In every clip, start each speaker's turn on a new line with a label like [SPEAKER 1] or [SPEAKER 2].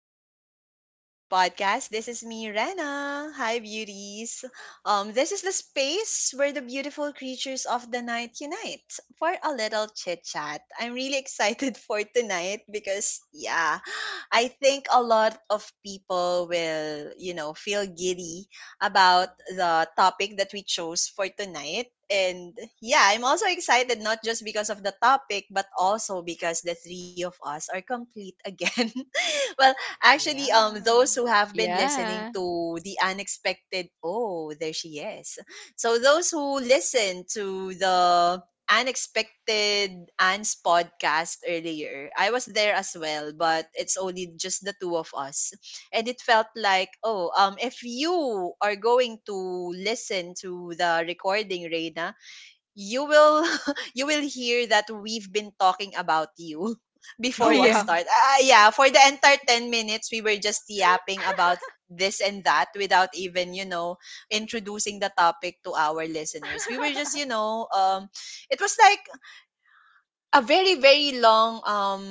[SPEAKER 1] back to the Sleepless Beauty Podcast. This is me, Rena. Hi, beauties. This is the space where the beautiful creatures of the night unite for a little chit chat. I'm really excited for tonight because, yeah, I think a lot of people will, you know, feel giddy about the topic that we chose for tonight. And yeah, I'm also excited not just because of the topic, but also because the three of us are complete again. Well, actually, those
[SPEAKER 2] Yeah.
[SPEAKER 1] who have been listening
[SPEAKER 3] Yeah.
[SPEAKER 1] to the unexpected, oh, there she is. So those who listen to the unexpected Anne's podcast earlier, I was there as well, but it's only just the two of us, and it felt like, oh, if you are going to listen to the recording, Reina, you will you will hear that we've been talking about you before
[SPEAKER 2] Oh
[SPEAKER 1] the
[SPEAKER 3] Yeah.
[SPEAKER 1] start.
[SPEAKER 2] wow.
[SPEAKER 1] Yeah, for the entire 10 minutes we were just yapping about this and that without even, you know, introducing the topic to our listeners. We were just, you know, it was like a very long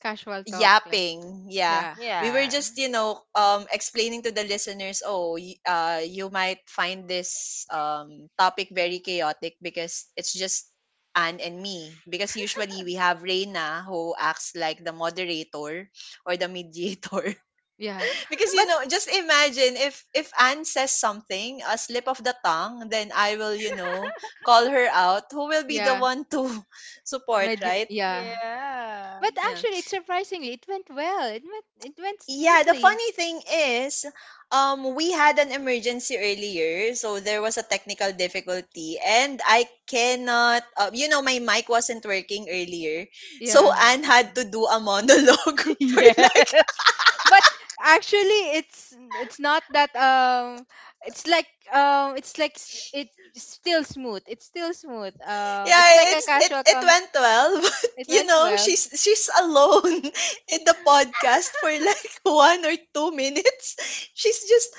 [SPEAKER 3] Casual talk like
[SPEAKER 1] yapping, yeah,
[SPEAKER 3] yeah.
[SPEAKER 1] we were
[SPEAKER 2] Yeah.
[SPEAKER 1] just, you know, explaining to the listeners, oh, you might find this topic very chaotic because it's just Anne and me, because usually we have Reina who acts like the moderator or the mediator,
[SPEAKER 3] Yeah.
[SPEAKER 1] because, you
[SPEAKER 3] But
[SPEAKER 1] know, just imagine if Anne says something, a slip of the tongue, then I will, you know, call her out. Who will be the
[SPEAKER 3] yeah,
[SPEAKER 1] one to support,
[SPEAKER 3] med
[SPEAKER 1] right?
[SPEAKER 3] yeah.
[SPEAKER 2] Yeah.
[SPEAKER 3] But
[SPEAKER 1] Yeah.
[SPEAKER 3] actually it's surprisingly it went well. It went
[SPEAKER 1] Yeah, the
[SPEAKER 3] smoothly.
[SPEAKER 1] funny thing is, we had an emergency earlier, so there was a technical difficulty, and I cannot. You know, my mic wasn't working earlier, so
[SPEAKER 3] Yeah.
[SPEAKER 2] Hmm.
[SPEAKER 1] Anne had to do a monologue for like.
[SPEAKER 3] Yes. But actually it's not that it's like it's like it's still smooth. It's still smooth. It's like
[SPEAKER 1] Yeah,
[SPEAKER 3] a
[SPEAKER 1] it's it
[SPEAKER 3] casual
[SPEAKER 1] it
[SPEAKER 3] com
[SPEAKER 1] went well, but,
[SPEAKER 3] it
[SPEAKER 1] you
[SPEAKER 3] went
[SPEAKER 1] know,
[SPEAKER 3] well.
[SPEAKER 1] she's alone in the podcast for like 1 or 2 minutes. She's just,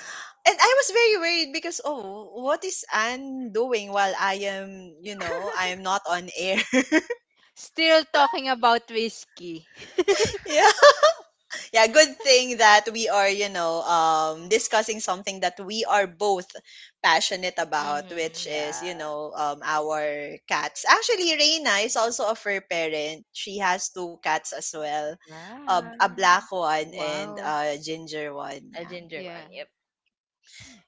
[SPEAKER 1] and I was very worried because, oh, what is Anne doing while I am, you know, I am not on air?
[SPEAKER 3] Still talking about whiskey.
[SPEAKER 1] Yeah. Yeah, good thing that we are, you know, discussing something that we are both passionate about,
[SPEAKER 2] Hmm.
[SPEAKER 1] which is, you
[SPEAKER 2] Yeah.
[SPEAKER 1] know, our cats. Actually, Reina is also a fur parent. She has two cats as well, a,
[SPEAKER 2] Yeah.
[SPEAKER 1] a black one and
[SPEAKER 3] Wow.
[SPEAKER 1] a ginger one.
[SPEAKER 2] A
[SPEAKER 1] Yeah.
[SPEAKER 2] ginger
[SPEAKER 3] Yeah.
[SPEAKER 2] one. Yep.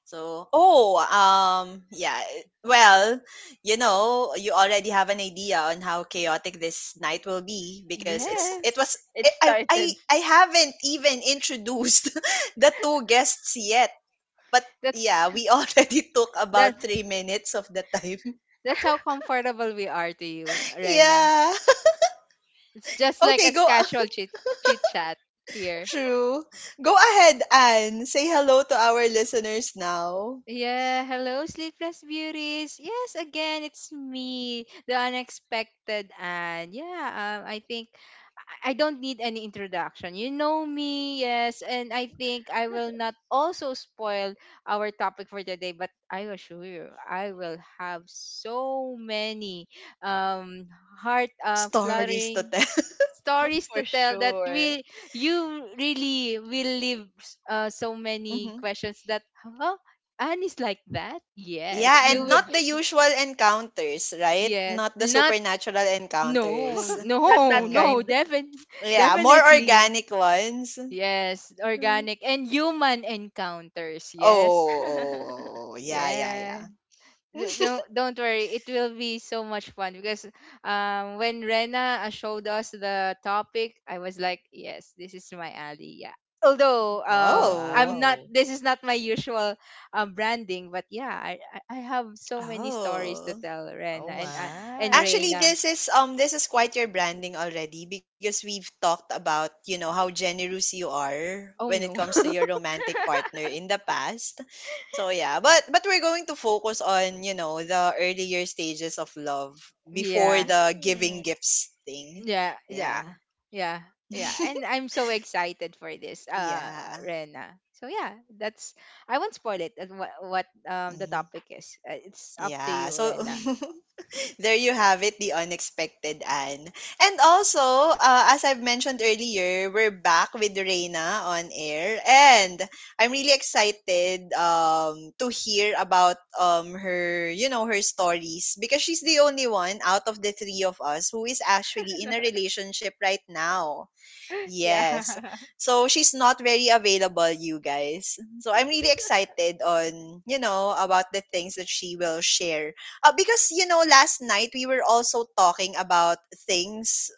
[SPEAKER 1] So, oh, yeah. Well, you know, you already have an idea on how chaotic this night will be because it was.
[SPEAKER 3] Yes.
[SPEAKER 1] I
[SPEAKER 2] It
[SPEAKER 1] I I
[SPEAKER 2] started
[SPEAKER 1] I haven't even introduced the two guests yet. But
[SPEAKER 3] That's
[SPEAKER 1] yeah, we already took
[SPEAKER 3] That
[SPEAKER 1] about 3 minutes of the time.
[SPEAKER 3] that's how comfortable we are to you, Rena.
[SPEAKER 1] Yeah.
[SPEAKER 3] It's just like
[SPEAKER 1] Okay,
[SPEAKER 3] a
[SPEAKER 1] go.
[SPEAKER 3] casual chit chat here.
[SPEAKER 1] True. Go ahead, Anne. Say hello to our listeners now.
[SPEAKER 3] Yeah, hello, sleepless beauties. Yes, again, it's me, the unexpected Anne. Yeah, I think I don't need any introduction. You know me, yes, and I think I will not also spoil our topic for today, but I assure you, I will have so many um heart
[SPEAKER 1] Stories to
[SPEAKER 3] fluttering
[SPEAKER 1] tell.
[SPEAKER 3] stories to
[SPEAKER 2] for
[SPEAKER 3] tell that
[SPEAKER 2] sure.
[SPEAKER 3] we you really will leave so many questions that huh? Anne is like that? Yes.
[SPEAKER 1] Yeah,
[SPEAKER 3] You
[SPEAKER 1] and
[SPEAKER 3] will,
[SPEAKER 1] not the usual encounters, right?
[SPEAKER 3] yes.
[SPEAKER 1] Not the
[SPEAKER 3] Not
[SPEAKER 1] supernatural
[SPEAKER 3] no,
[SPEAKER 1] encounters.
[SPEAKER 3] no,
[SPEAKER 2] Not that
[SPEAKER 1] Hmm.
[SPEAKER 3] no,
[SPEAKER 2] kind.
[SPEAKER 3] defin-
[SPEAKER 1] Yeah, more
[SPEAKER 3] definitely.
[SPEAKER 1] organic ones.
[SPEAKER 3] Yes,
[SPEAKER 1] Mm.
[SPEAKER 3] organic and human encounters. Yes.
[SPEAKER 1] Oh, oh, oh, yeah, yeah,
[SPEAKER 3] Yes.
[SPEAKER 1] yeah.
[SPEAKER 3] d- don't don't worry, it will be so much fun because when Rena showed us the topic, I was like yes, this is my alley. Yeah, although
[SPEAKER 2] Oh
[SPEAKER 3] I'm
[SPEAKER 1] Oh.
[SPEAKER 3] not
[SPEAKER 2] wow.
[SPEAKER 3] this is not my usual branding, but yeah, I have so many stories to
[SPEAKER 1] Oh.
[SPEAKER 3] tell Rena
[SPEAKER 2] Oh
[SPEAKER 3] and I and
[SPEAKER 2] my.
[SPEAKER 1] Actually,
[SPEAKER 3] Reina.
[SPEAKER 1] this is quite your branding already, because we've talked about, you know, how generous you are
[SPEAKER 3] Oh
[SPEAKER 1] when it
[SPEAKER 3] no.
[SPEAKER 1] comes to your romantic partner in the past. So yeah, but we're going to focus on, you know, the earlier stages of love before
[SPEAKER 3] Yeah.
[SPEAKER 1] the giving
[SPEAKER 2] Mm.
[SPEAKER 1] gifts thing.
[SPEAKER 3] Yeah, yeah,
[SPEAKER 1] Yeah.
[SPEAKER 3] yeah, yeah. And I'm so excited for this,
[SPEAKER 1] Yeah.
[SPEAKER 3] Rena. So yeah, that's I won't spoil it. And what the
[SPEAKER 1] Mhm.
[SPEAKER 3] topic is? It's up to
[SPEAKER 1] Yeah.
[SPEAKER 3] you,
[SPEAKER 1] So
[SPEAKER 3] Rena.
[SPEAKER 1] there you have it, the unexpected Anne. And also, as I've mentioned earlier, we're back with Reina on air, and I'm really excited to hear about her, you know, her stories, because she's the only one out of the three of us who is actually in a relationship right now. Yes.
[SPEAKER 2] Yeah.
[SPEAKER 1] So she's not very available, you guys. So I'm really excited on, you know, about the things that she will share. Because, you know, last night we were also talking about things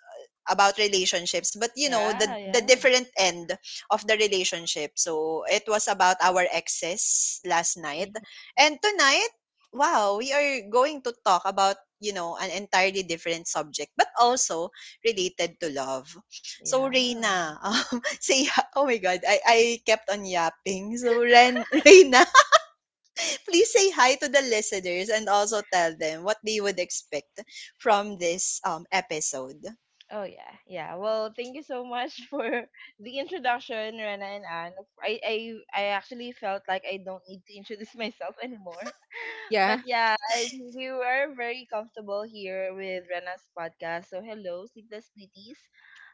[SPEAKER 1] about relationships, but, you know, the
[SPEAKER 2] Yeah,
[SPEAKER 1] the
[SPEAKER 2] yeah.
[SPEAKER 1] different end of the relationship, so it was about our exes last night.
[SPEAKER 2] Mhm.
[SPEAKER 1] And tonight, wow, we are going to talk about, you know, an entirely different subject, but also related to love. So
[SPEAKER 2] Yeah.
[SPEAKER 1] Reina, say oh my god, I kept on yapping, so Ren Reina, please say hi to the listeners and also tell them what they would expect from this episode.
[SPEAKER 2] Oh yeah, yeah. Well, thank you so much for the introduction, Rena and Anne. I, I, I actually felt like I don't need to introduce myself anymore. But
[SPEAKER 3] Yeah,
[SPEAKER 2] yeah, we were very comfortable here with Rena's podcast. So hello, sleepless beauties.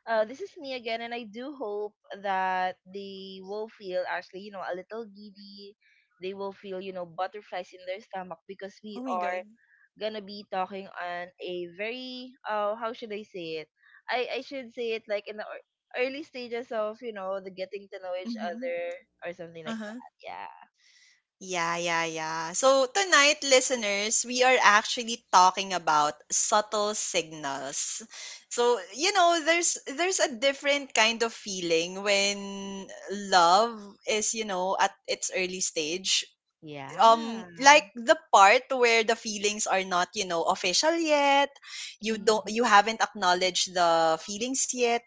[SPEAKER 2] This is me again, and I do hope that they will feel actually, you know, a little giddy. They will feel, you know, butterflies in their stomach because we
[SPEAKER 1] Oh my god.
[SPEAKER 2] are gonna be talking on a very, how should I say it? I should say it like in the early stages of, you know, the getting to know each other or something like
[SPEAKER 1] Uh-huh.
[SPEAKER 2] that. Yeah.
[SPEAKER 1] Yeah, yeah, yeah. So tonight, listeners, we are actually talking about subtle signals. So, you know, there's a different kind of feeling when love is, you know, at its early stage,
[SPEAKER 2] Yeah.
[SPEAKER 1] like the part where the feelings are not, you know, official yet. You don't,
[SPEAKER 2] Mhm,
[SPEAKER 1] you haven't acknowledged the feelings yet.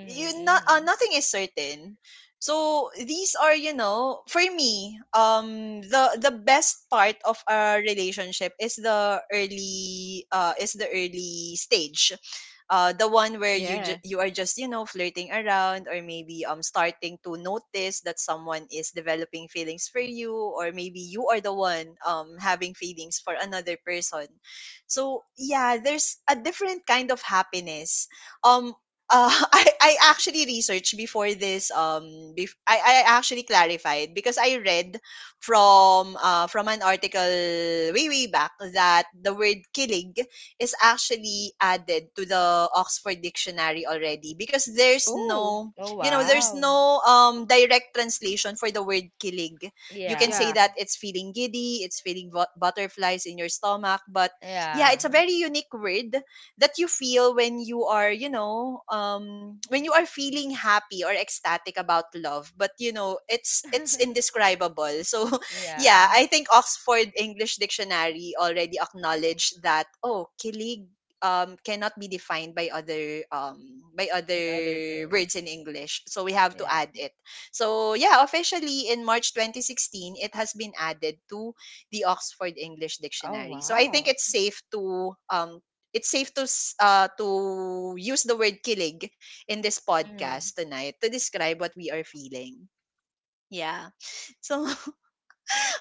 [SPEAKER 1] You not, nothing is certain. So these are, you know, for me, the best part of a relationship is the early stage, the one where
[SPEAKER 3] yeah.
[SPEAKER 1] you are just, you know, flirting around, or maybe starting to notice that someone is developing feelings for you, or maybe you are the one having feelings for another person. So yeah, there's a different kind of happiness. um I actually researched before this I actually clarified because I read from an article way back that the word kilig is actually added to the Oxford Dictionary already, because there's
[SPEAKER 3] Oh,
[SPEAKER 1] no,
[SPEAKER 2] Oh
[SPEAKER 1] you know,
[SPEAKER 3] y-
[SPEAKER 1] there's
[SPEAKER 2] wow.
[SPEAKER 1] no direct translation for the word kilig. You can
[SPEAKER 2] Yeah.
[SPEAKER 1] say
[SPEAKER 3] yeah,
[SPEAKER 1] that it's feeling giddy, it's feeling butterflies in your stomach, but yeah, it's a
[SPEAKER 2] Yeah.
[SPEAKER 1] very unique word that you feel when you are, you know, when you are feeling happy or ecstatic about love. But you know, it's indescribable. So yeah,
[SPEAKER 2] Yeah.
[SPEAKER 1] I think Oxford English Dictionary already acknowledged that, oh, kilig cannot be defined by
[SPEAKER 2] In
[SPEAKER 1] other
[SPEAKER 2] other terms.
[SPEAKER 1] words in English. So we have to
[SPEAKER 2] Yeah.
[SPEAKER 1] add it. So yeah, officially in March 2016, it has been added to the Oxford English
[SPEAKER 2] Oh
[SPEAKER 1] Dictionary. So I think
[SPEAKER 2] wow.
[SPEAKER 1] it's safe to to use the word kilig in this podcast
[SPEAKER 2] Mhm.
[SPEAKER 1] tonight to describe what we are feeling. Yeah. So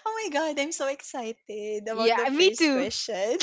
[SPEAKER 1] oh my god, I'm so excited about
[SPEAKER 3] yeah.
[SPEAKER 1] the
[SPEAKER 3] Me
[SPEAKER 1] first
[SPEAKER 3] too.
[SPEAKER 1] question.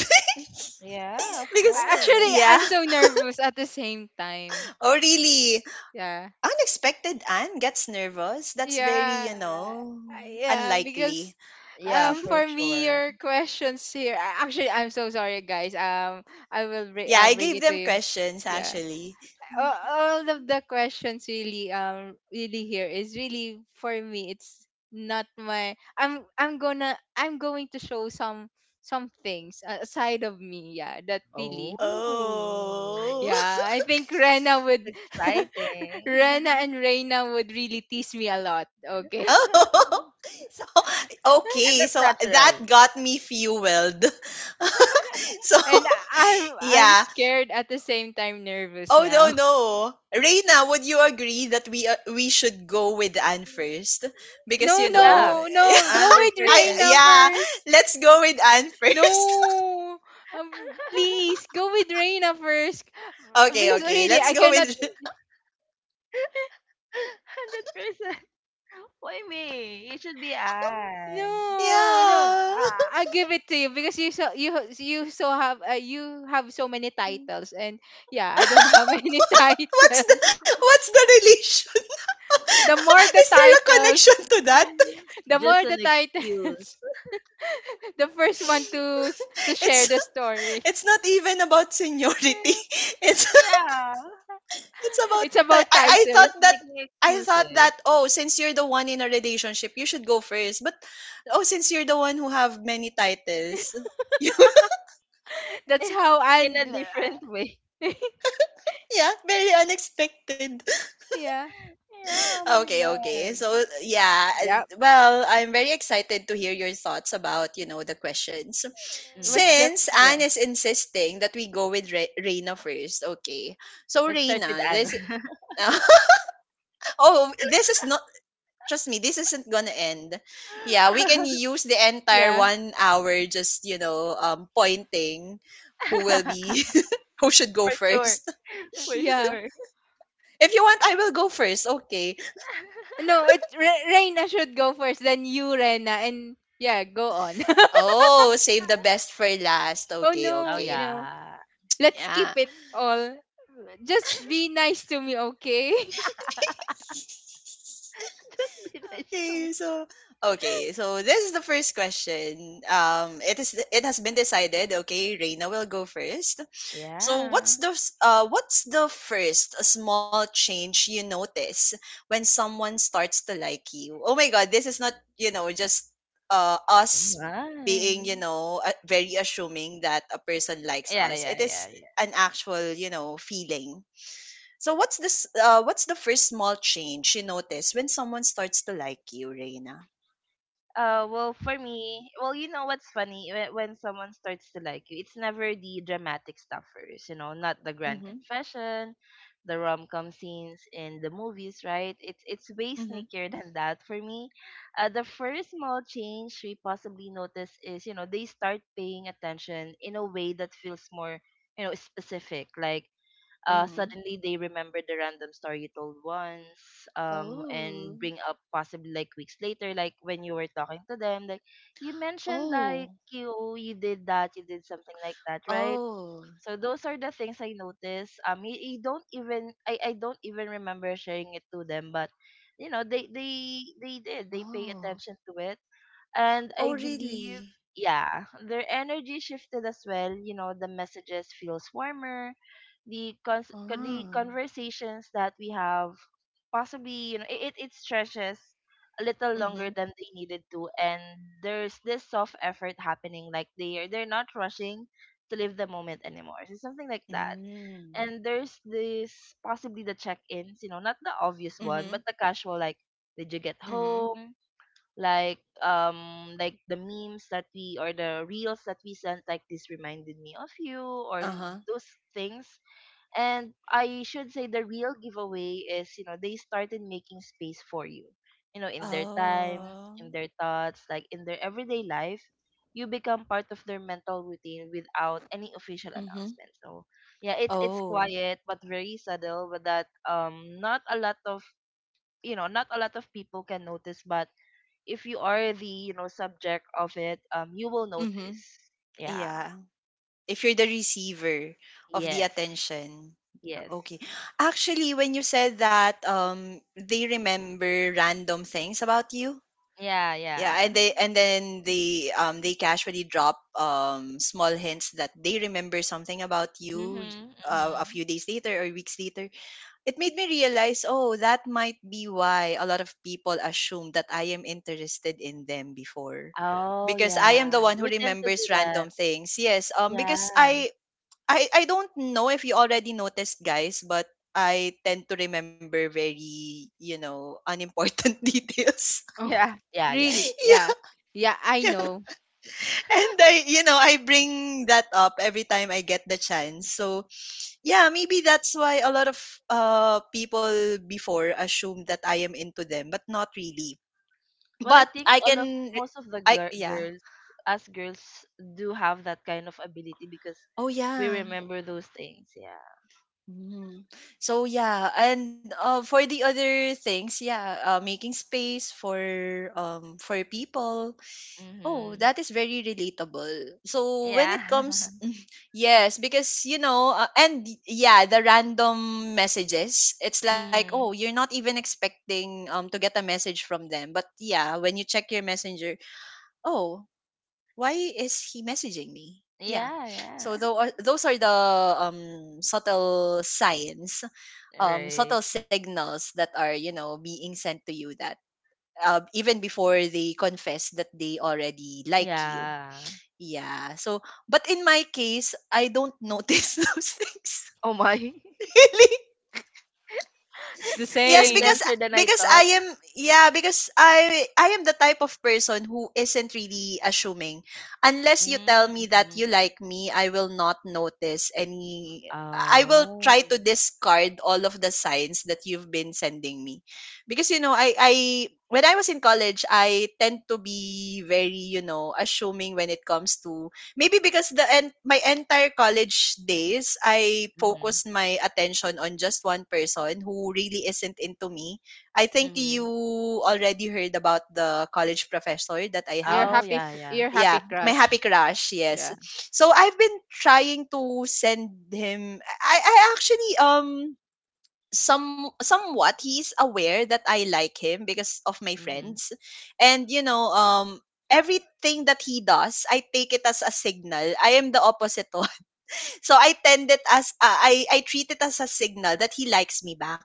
[SPEAKER 2] Yeah, of
[SPEAKER 1] Because
[SPEAKER 3] Actually,
[SPEAKER 2] course.
[SPEAKER 1] yeah.
[SPEAKER 3] I'm so nervous at the same time.
[SPEAKER 1] Oh really?
[SPEAKER 3] Yeah.
[SPEAKER 1] Unexpected Anne gets nervous. That's very,
[SPEAKER 3] Yeah,
[SPEAKER 1] you know,
[SPEAKER 3] yeah, because
[SPEAKER 1] unlikely.
[SPEAKER 2] Yeah, for
[SPEAKER 3] for me
[SPEAKER 2] sure.
[SPEAKER 3] your questions here actually I'm so sorry guys. I will bring
[SPEAKER 1] Yeah, I
[SPEAKER 3] bring
[SPEAKER 1] gave
[SPEAKER 3] it to
[SPEAKER 1] them
[SPEAKER 3] you.
[SPEAKER 1] questions
[SPEAKER 3] Yeah.
[SPEAKER 1] actually.
[SPEAKER 3] All of the questions really really here is really for me it's not my I'm gonna I'm going to show some things aside of me, yeah, that really
[SPEAKER 2] Oh,
[SPEAKER 1] Oh.
[SPEAKER 3] yeah, I think Rena would
[SPEAKER 2] that's exciting.
[SPEAKER 3] Rena and Reina would really tease me a lot, okay.
[SPEAKER 1] Oh. So
[SPEAKER 2] And
[SPEAKER 1] okay,
[SPEAKER 2] that's
[SPEAKER 1] so
[SPEAKER 2] natural.
[SPEAKER 1] that got me fueled. So
[SPEAKER 3] And I'm
[SPEAKER 1] yeah.
[SPEAKER 3] scared at the same time, nervous
[SPEAKER 1] Oh no,
[SPEAKER 3] now.
[SPEAKER 1] no. Reina, would you agree that we should go with Anne first? Because
[SPEAKER 3] No,
[SPEAKER 1] you know,
[SPEAKER 2] Yeah,
[SPEAKER 3] no, no. Go
[SPEAKER 2] hundred
[SPEAKER 3] with
[SPEAKER 1] I,
[SPEAKER 2] percent.
[SPEAKER 3] Reina
[SPEAKER 1] yeah,
[SPEAKER 3] first.
[SPEAKER 1] let's go with Anne first.
[SPEAKER 3] No. Please go with Reina first
[SPEAKER 1] Okay,
[SPEAKER 3] because
[SPEAKER 1] okay.
[SPEAKER 3] really
[SPEAKER 1] Let's
[SPEAKER 3] I
[SPEAKER 1] go
[SPEAKER 3] cannot.
[SPEAKER 1] with
[SPEAKER 2] 100%. Why me? It should be Anne.
[SPEAKER 3] No, no.
[SPEAKER 1] yeah.
[SPEAKER 3] I give it to you because you so have you have so many titles and yeah, I don't
[SPEAKER 1] what's
[SPEAKER 3] have any titles.
[SPEAKER 1] the what's the relation?
[SPEAKER 3] The more
[SPEAKER 1] Is
[SPEAKER 3] the
[SPEAKER 1] there a connection
[SPEAKER 3] titles,
[SPEAKER 1] to that?
[SPEAKER 3] the
[SPEAKER 2] Just
[SPEAKER 3] more
[SPEAKER 2] an
[SPEAKER 3] the titles,
[SPEAKER 2] excuse.
[SPEAKER 3] the first one to to share
[SPEAKER 1] It's
[SPEAKER 3] the story.
[SPEAKER 1] it's not even about seniority. It's
[SPEAKER 2] Yeah.
[SPEAKER 1] It's
[SPEAKER 3] It's
[SPEAKER 1] about time.
[SPEAKER 3] about
[SPEAKER 1] I,
[SPEAKER 2] And
[SPEAKER 1] I
[SPEAKER 2] it's
[SPEAKER 3] title.
[SPEAKER 1] thought
[SPEAKER 2] just
[SPEAKER 1] that
[SPEAKER 2] making excuses
[SPEAKER 1] oh, since you're the one in a relationship you should go first, but, oh, since you're the one who have many titles, you,
[SPEAKER 3] That's how,
[SPEAKER 2] in a
[SPEAKER 3] and
[SPEAKER 2] different way.
[SPEAKER 1] yeah, very unexpected.
[SPEAKER 3] yeah.
[SPEAKER 2] Yeah. Oh my
[SPEAKER 1] Okay, okay, so
[SPEAKER 2] god.
[SPEAKER 1] yeah,
[SPEAKER 3] Yep.
[SPEAKER 1] well, I'm very excited to hear your thoughts about, you know, the questions,
[SPEAKER 3] What's
[SPEAKER 2] Mm.
[SPEAKER 3] the
[SPEAKER 1] since Anne
[SPEAKER 3] yeah.
[SPEAKER 1] is insisting that we go with Reina first. Okay, so
[SPEAKER 2] Let's start with
[SPEAKER 1] Reina,
[SPEAKER 2] Anne.
[SPEAKER 1] this oh, this is not, trust me, this isn't gonna end. Yeah, we can use the entire
[SPEAKER 3] Yeah.
[SPEAKER 1] 1 hour just, you know, pointing who will be, who should go
[SPEAKER 2] For sure.
[SPEAKER 1] first.
[SPEAKER 2] For
[SPEAKER 3] Yeah.
[SPEAKER 2] sure.
[SPEAKER 1] If you want, I will go first. Okay.
[SPEAKER 3] No, it Reina should go first, then you, Rena, and yeah, go on.
[SPEAKER 1] Oh, save the best for last.
[SPEAKER 3] Oh
[SPEAKER 1] Okay,
[SPEAKER 2] Oh,
[SPEAKER 3] no,
[SPEAKER 1] okay.
[SPEAKER 3] you know.
[SPEAKER 2] yeah.
[SPEAKER 3] Let's keep
[SPEAKER 1] Yeah.
[SPEAKER 3] it all. Just be nice to me, okay?
[SPEAKER 2] Just be nice to me.
[SPEAKER 1] Okay, so okay, so this is the first question. It has been decided. Okay, Reina will go first. So
[SPEAKER 2] Yeah.
[SPEAKER 1] what's the what's the first small change you notice when someone starts to like you? Oh my God, this is not, you know, just us being,
[SPEAKER 2] Right.
[SPEAKER 1] you know, very assuming that a person likes
[SPEAKER 2] Yeah,
[SPEAKER 1] us. It
[SPEAKER 2] yeah, yeah,
[SPEAKER 1] is
[SPEAKER 2] yeah.
[SPEAKER 1] an actual, you know, feeling. So what's this? What's the first small change you notice when someone starts to like you, Reina?
[SPEAKER 2] Well, for me, well, you know what's funny? When someone starts to like you, it's never the dramatic stuff first, you know, not the grand
[SPEAKER 1] Mm-hmm.
[SPEAKER 2] confession, the rom-com scenes in the movies, right? It's way
[SPEAKER 1] Mm-hmm.
[SPEAKER 2] sneakier than that for me. The first small change we possibly notice is, you know, they start paying attention in a way that feels more, you know, specific, like
[SPEAKER 1] Mm-hmm.
[SPEAKER 2] suddenly they remember the random story you told once,
[SPEAKER 1] Oh.
[SPEAKER 2] and bring up possibly like weeks later, like when you were talking to them, like you mentioned like
[SPEAKER 1] Oh.
[SPEAKER 2] you did that you did something like that, right?
[SPEAKER 1] Oh.
[SPEAKER 2] So those are the things I noticed. Um you, you don't even I, I don't even remember sharing it to them, but you know they pay
[SPEAKER 1] Oh.
[SPEAKER 2] attention to it. And I
[SPEAKER 1] Oh,
[SPEAKER 2] believe,
[SPEAKER 1] really?
[SPEAKER 2] yeah, their energy shifted as well. You know, the messages feels warmer. The
[SPEAKER 1] Ah.
[SPEAKER 2] conversations that we have possibly, you know, it stretches a little longer
[SPEAKER 1] Mhm.
[SPEAKER 2] than they needed to, and there's this soft effort happening. Like they're not rushing to live the moment anymore. So something like that.
[SPEAKER 1] Mm.
[SPEAKER 2] And there's this possibly the check-ins, you know, not the obvious one,
[SPEAKER 1] Mhm.
[SPEAKER 2] but the casual like, did you get
[SPEAKER 1] Mhm.
[SPEAKER 2] home? Like like the memes that we or the reels that we sent, like this reminded me of you, or
[SPEAKER 1] Uh-huh.
[SPEAKER 2] those things. And I should say the real giveaway is, you know, they started making space for you, you know, in their time,
[SPEAKER 1] Oh.
[SPEAKER 2] in their thoughts, like in their everyday life. You become part of their mental routine without any official
[SPEAKER 1] Mhm.
[SPEAKER 2] announcement. So yeah, it's
[SPEAKER 1] Oh.
[SPEAKER 2] quiet but very subtle. But that not a lot of you know not a lot of people can notice. But if you are the subject of it, you will
[SPEAKER 1] Mhm.
[SPEAKER 2] notice. Yeah.
[SPEAKER 1] Yeah. If you're the receiver of the
[SPEAKER 2] Yes.
[SPEAKER 1] attention.
[SPEAKER 2] Yes.
[SPEAKER 1] Okay. Actually, when you said that they remember random things about you.
[SPEAKER 2] Yeah,
[SPEAKER 1] Yeah, and
[SPEAKER 2] yeah.
[SPEAKER 1] they and then they casually drop small hints that they remember something about you
[SPEAKER 2] Mhm,
[SPEAKER 1] a
[SPEAKER 2] mhm.
[SPEAKER 1] few days later or weeks later. It made me realize, oh, that might be why a lot of people assume that I am interested in them before.
[SPEAKER 2] Oh
[SPEAKER 1] Because I am
[SPEAKER 2] yeah,
[SPEAKER 1] the one who
[SPEAKER 2] we tend to do
[SPEAKER 1] remembers
[SPEAKER 2] that.
[SPEAKER 1] random things. Yes, because
[SPEAKER 2] Yeah.
[SPEAKER 1] I don't know if you already noticed, guys, but I tend to remember very, you know, unimportant details.
[SPEAKER 3] Oh,
[SPEAKER 2] Yeah, yeah, yeah.
[SPEAKER 3] really?
[SPEAKER 1] Yeah,
[SPEAKER 3] Yeah. Yeah, I
[SPEAKER 1] yeah.
[SPEAKER 3] know.
[SPEAKER 1] And I, you know, I bring that up every time I get the chance. So yeah, maybe that's why a lot of people before assume that I am into them, but not really.
[SPEAKER 2] Well, I
[SPEAKER 1] But
[SPEAKER 2] think
[SPEAKER 1] I
[SPEAKER 2] all of
[SPEAKER 1] can,
[SPEAKER 2] most of the
[SPEAKER 1] I,
[SPEAKER 2] gir-
[SPEAKER 1] yeah.
[SPEAKER 2] girls us girls do have that kind of ability because
[SPEAKER 1] Oh
[SPEAKER 2] we
[SPEAKER 1] yeah.
[SPEAKER 2] remember those things. Yeah.
[SPEAKER 1] Mhm. So yeah, and for the other things, yeah, making space for for people. Oh,
[SPEAKER 2] Mhm.
[SPEAKER 1] that is very relatable. So when
[SPEAKER 2] Yeah.
[SPEAKER 1] it comes, yes, because you know, yeah, the random messages, it's like, oh,
[SPEAKER 2] Mhm.
[SPEAKER 1] you're not even expecting to get a message from them, but yeah, when you check your messenger, oh, why is he messaging me? Yeah,
[SPEAKER 2] Yeah, yeah.
[SPEAKER 1] so though those are the subtle signs,
[SPEAKER 2] Right.
[SPEAKER 1] subtle signals that are, you know, being sent to you that, even before they confess that they already like you,
[SPEAKER 2] Yeah.
[SPEAKER 1] yeah. So, but in my case, I don't notice those things.
[SPEAKER 2] Oh my.
[SPEAKER 1] Really?
[SPEAKER 3] The
[SPEAKER 1] Yes,
[SPEAKER 2] You're a
[SPEAKER 3] same.
[SPEAKER 2] dancer than I
[SPEAKER 1] because
[SPEAKER 2] thought.
[SPEAKER 1] I am yeah, because I am the type of person who isn't really assuming. Unless you tell me that
[SPEAKER 2] Mm-hmm.
[SPEAKER 1] you like me, I will not notice any I will try to
[SPEAKER 2] Oh.
[SPEAKER 1] discard all of the signs that you've been sending me. Because you know, I when I was in college, I tend to be very, you know, assuming when it comes to maybe because my entire college days, I
[SPEAKER 2] Mm-hmm.
[SPEAKER 1] focused my attention on just one person who really isn't into me. I think you
[SPEAKER 2] Mm-hmm.
[SPEAKER 1] already heard about the college professor that I
[SPEAKER 3] You're
[SPEAKER 1] have.
[SPEAKER 2] Oh,
[SPEAKER 3] happy
[SPEAKER 2] yeah, yeah.
[SPEAKER 3] you're happy
[SPEAKER 1] Yeah, my happy
[SPEAKER 3] crush.
[SPEAKER 1] crush, yes.
[SPEAKER 3] Yeah.
[SPEAKER 1] So I've been trying to send him I actually somewhat he's aware that I like him because of my
[SPEAKER 2] Mm-hmm.
[SPEAKER 1] friends. And you know, everything that he does, I take it as a signal. I am the opposite one. So I tend it as I treat it as a signal that he likes me back.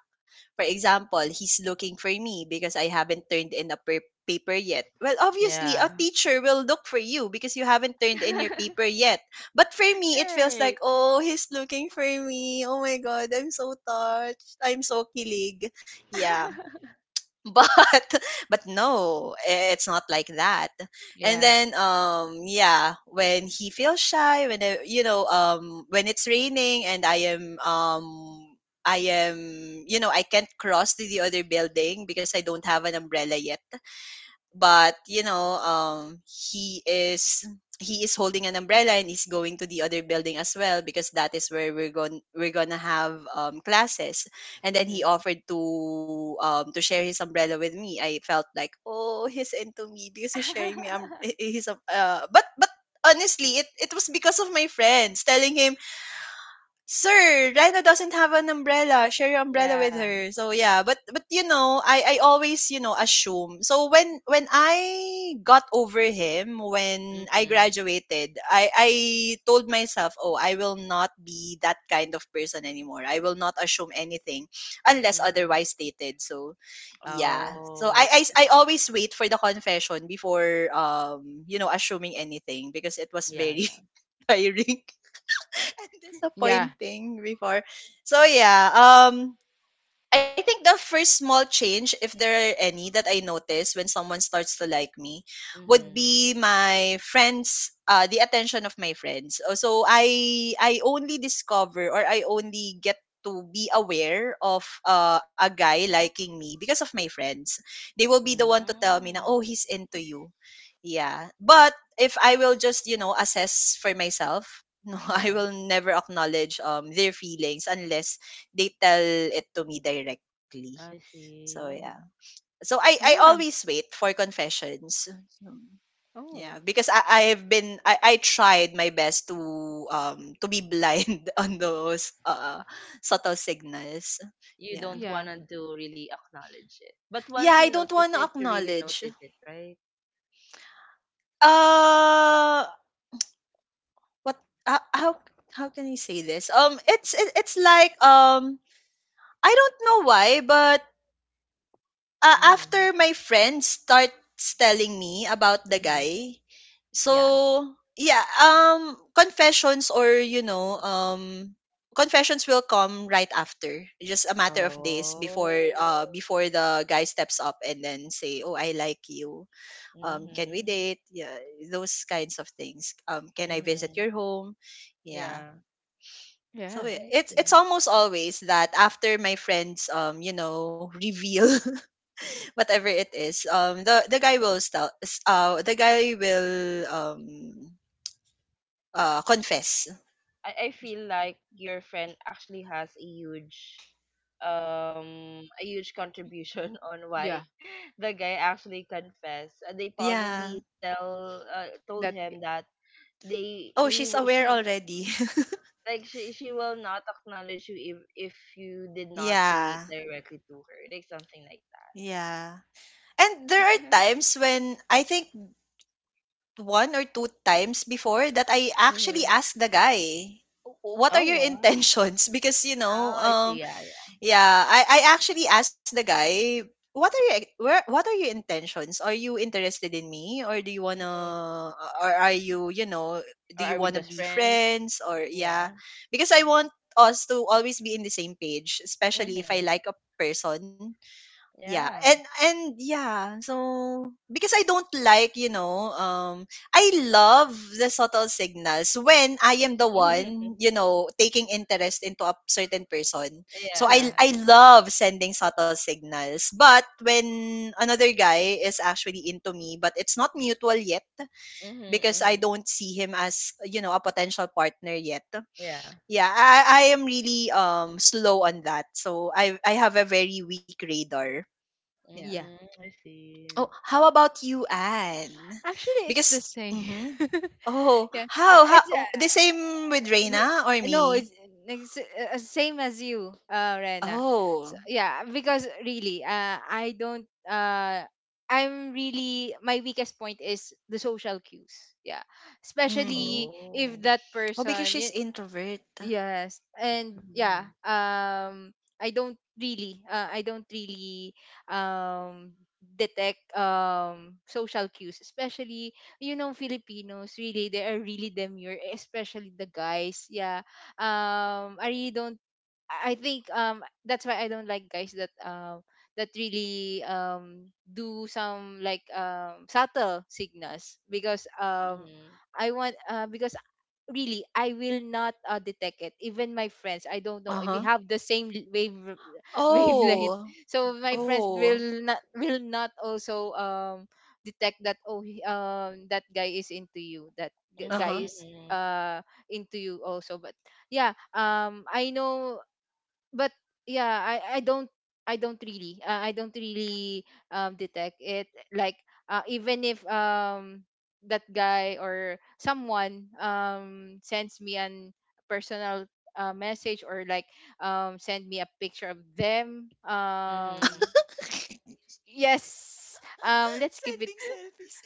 [SPEAKER 1] For example, he's looking for me because I haven't turned in a paper yet. Well, obviously,
[SPEAKER 2] Yeah.
[SPEAKER 1] a teacher will look for you because you haven't turned in your paper yet. But for me, it feels
[SPEAKER 2] Right.
[SPEAKER 1] like, oh, he's looking for me. Oh my God, I'm so touched. I'm so kilig. Yeah, but but no, it's not like that. And
[SPEAKER 3] Yeah.
[SPEAKER 1] then yeah, when he feels shy, when I, you know, when it's raining and I am you know, I can't cross to the other building because I don't have an umbrella yet, but you know, he is holding an umbrella and is going to the other building as well because that is where we're gonna have classes. And then he
[SPEAKER 2] Mm-hmm.
[SPEAKER 1] offered to share his umbrella with me. I felt like, oh, he's into me because he's sharing me his but honestly it was because of my friends telling him, "Sir, Rhino doesn't have an umbrella. Share your umbrella with
[SPEAKER 2] Yeah.
[SPEAKER 1] her." So yeah, but you know, I always, you know, assume. So when I got over him when I
[SPEAKER 2] Mm-hmm.
[SPEAKER 1] graduated, I told myself, oh, I will not be that kind of person anymore. I will not assume anything unless
[SPEAKER 2] Mm-hmm.
[SPEAKER 1] otherwise stated. So yeah, so
[SPEAKER 2] Oh, I
[SPEAKER 1] I
[SPEAKER 2] see.
[SPEAKER 1] always wait for the confession before you know, assuming anything because it was
[SPEAKER 2] Yeah,
[SPEAKER 1] very
[SPEAKER 2] yeah.
[SPEAKER 1] tiring. And
[SPEAKER 3] Yeah.
[SPEAKER 1] disappointing before. So yeah, I think the first small change, if there are any, that I notice when someone starts to like me would
[SPEAKER 2] Mm-hmm.
[SPEAKER 1] be my friends, the attention of my friends. So I only discover, or I only get to be aware of a guy liking me because of my friends. They will be the one to tell me na,
[SPEAKER 2] Mm-hmm.
[SPEAKER 1] oh, he's into you. Yeah. But if I will just, you know, assess for myself, no, I
[SPEAKER 2] Yeah,
[SPEAKER 1] will never acknowledge their feelings unless they tell it to me directly.
[SPEAKER 2] I
[SPEAKER 1] So
[SPEAKER 2] see.
[SPEAKER 1] yeah. So I
[SPEAKER 3] Yeah.
[SPEAKER 1] always wait for confessions. Hmm. Yeah,
[SPEAKER 3] Oh.
[SPEAKER 1] because I I've been I tried my best to be blind on those subtle signals.
[SPEAKER 2] You
[SPEAKER 1] Yeah.
[SPEAKER 2] don't
[SPEAKER 3] Yeah.
[SPEAKER 2] wanna do really acknowledge it. But
[SPEAKER 1] Yeah,
[SPEAKER 2] once
[SPEAKER 1] I
[SPEAKER 2] you
[SPEAKER 1] don't want
[SPEAKER 2] notice
[SPEAKER 1] to
[SPEAKER 2] it, you really
[SPEAKER 1] acknowledge.
[SPEAKER 2] notice it, right?
[SPEAKER 1] Uh what uh, how how can I say this? It's like I don't know why, but,
[SPEAKER 2] Mm-hmm.
[SPEAKER 1] after my friend starts telling me about the
[SPEAKER 2] Mhm.
[SPEAKER 1] guy, so
[SPEAKER 2] Yeah.
[SPEAKER 1] yeah, confessions or, you know, confessions will come right after. Just a matter of days before
[SPEAKER 2] Oh.
[SPEAKER 1] before the guy steps up and then say, "Oh, I like you. Um, can we
[SPEAKER 2] Mhm.
[SPEAKER 1] date?" Yeah, those kinds of things. Um, can I visit
[SPEAKER 2] Mhm.
[SPEAKER 1] your home? Yeah.
[SPEAKER 2] Yeah.
[SPEAKER 3] Yeah.
[SPEAKER 1] So
[SPEAKER 2] I
[SPEAKER 1] it's
[SPEAKER 2] see.
[SPEAKER 1] almost always that after my friends you know, reveal whatever it is, the guy will still the guy will confess.
[SPEAKER 2] I feel like your friend actually has a huge contribution on why
[SPEAKER 3] Yeah.
[SPEAKER 2] the guy actually confessed. They
[SPEAKER 1] Yeah.
[SPEAKER 2] probably tell told
[SPEAKER 3] That
[SPEAKER 2] him that they
[SPEAKER 1] Oh,
[SPEAKER 2] he
[SPEAKER 1] she's
[SPEAKER 2] w-
[SPEAKER 1] aware
[SPEAKER 2] she
[SPEAKER 1] already.
[SPEAKER 2] like she will not acknowledge you if you did not say it
[SPEAKER 1] Yeah.
[SPEAKER 2] directly to her, like something like that.
[SPEAKER 1] Yeah. And there are times when I think one or two times before that I actually
[SPEAKER 2] Hmm.
[SPEAKER 1] asked the guy, what are
[SPEAKER 2] Oh
[SPEAKER 1] your
[SPEAKER 2] wow.
[SPEAKER 1] intentions? Because, you
[SPEAKER 2] Oh,
[SPEAKER 1] know,
[SPEAKER 2] I see. Yeah, yeah.
[SPEAKER 1] yeah, I actually asked the guy, what are your intentions? Are you interested in me, or do you wanna,
[SPEAKER 2] Hmm.
[SPEAKER 1] or are you, you know, do
[SPEAKER 2] Or
[SPEAKER 1] you
[SPEAKER 2] are we
[SPEAKER 1] wanna
[SPEAKER 2] just
[SPEAKER 1] be
[SPEAKER 2] friends?
[SPEAKER 1] friends or yeah?
[SPEAKER 2] Yeah.
[SPEAKER 1] Because I want us to always be in the same page, especially if I
[SPEAKER 2] Mhm.
[SPEAKER 1] like a person, yeah, and
[SPEAKER 2] Yeah.
[SPEAKER 1] and yeah, so because I don't like, you know, I love the subtle signals when I am the one, you know, taking interest into a certain person. So I
[SPEAKER 3] yeah,
[SPEAKER 2] Yeah.
[SPEAKER 1] I love sending subtle signals. But when another guy is actually into me, but it's not mutual yet
[SPEAKER 2] Mhm.
[SPEAKER 1] because I
[SPEAKER 2] Mhm.
[SPEAKER 1] don't see him as, you know, a potential partner yet.
[SPEAKER 2] Yeah.
[SPEAKER 1] Yeah, I am really slow on that. So I have a very weak radar. Yeah.
[SPEAKER 3] yeah.
[SPEAKER 2] Mhm. I see.
[SPEAKER 1] Oh, how about you, Anne?
[SPEAKER 3] Actually it's the
[SPEAKER 1] Because,
[SPEAKER 3] same.
[SPEAKER 1] mhm, oh,
[SPEAKER 3] Yeah,
[SPEAKER 1] how,
[SPEAKER 3] it's
[SPEAKER 1] oh, the same with
[SPEAKER 3] we-
[SPEAKER 1] Reina or
[SPEAKER 3] no it's,
[SPEAKER 1] me?
[SPEAKER 3] it's same as you, Rena. So
[SPEAKER 1] Oh,
[SPEAKER 3] yeah, because really I don't I'm really, my weakest point is the social cues, yeah,
[SPEAKER 1] mm-hmm.
[SPEAKER 3] especially if
[SPEAKER 2] Oh.
[SPEAKER 3] that
[SPEAKER 1] Oh, because
[SPEAKER 3] person.
[SPEAKER 1] she's introvert.
[SPEAKER 3] Yes. And yeah,
[SPEAKER 2] Mhm.
[SPEAKER 3] I don't really um detect social cues, especially, you know, Filipinos really, they are really demure, especially the guys. Yeah, I really don't. I think that's why I don't like guys that that really do some like subtle signals because
[SPEAKER 2] Mhm.
[SPEAKER 3] I want because really I will not detect it. Even my friends, I don't know,
[SPEAKER 1] Uh
[SPEAKER 3] we
[SPEAKER 1] huh.
[SPEAKER 3] have the same l- wave wavelength.
[SPEAKER 1] Oh,
[SPEAKER 3] So my friends
[SPEAKER 1] oh,
[SPEAKER 3] will not also detect that oh that guy is into you, that
[SPEAKER 1] uh
[SPEAKER 3] guy
[SPEAKER 1] huh.
[SPEAKER 2] Mhm.
[SPEAKER 3] is
[SPEAKER 2] Mhm.
[SPEAKER 3] into you also. But yeah, I know, but yeah, I don't really detect it like even if that guy or someone sends me an personal message, or like send me a picture of them.
[SPEAKER 2] Mhm.
[SPEAKER 3] Yes, let's keep it.
[SPEAKER 1] Sending selfies.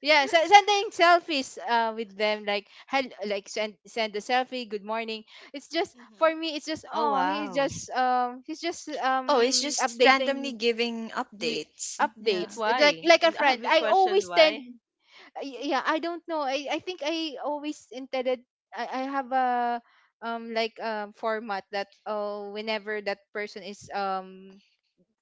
[SPEAKER 3] Yeah, sending selfies with them, like send a selfie, good morning. It's just for
[SPEAKER 1] Mm-hmm.
[SPEAKER 3] me it's just
[SPEAKER 2] Oh
[SPEAKER 3] oh, he's
[SPEAKER 2] wow.
[SPEAKER 3] just
[SPEAKER 1] Oh, he's just randomly
[SPEAKER 3] updating
[SPEAKER 1] giving
[SPEAKER 3] you
[SPEAKER 1] updates. Yeah.
[SPEAKER 2] But
[SPEAKER 3] updates. It's Like
[SPEAKER 2] why?
[SPEAKER 3] like a
[SPEAKER 2] Have
[SPEAKER 3] friend.
[SPEAKER 2] you
[SPEAKER 3] I
[SPEAKER 2] questioned
[SPEAKER 3] always tend
[SPEAKER 2] why?
[SPEAKER 3] yeah, I don't know. I think I always intended I have a like format that oh, whenever that person is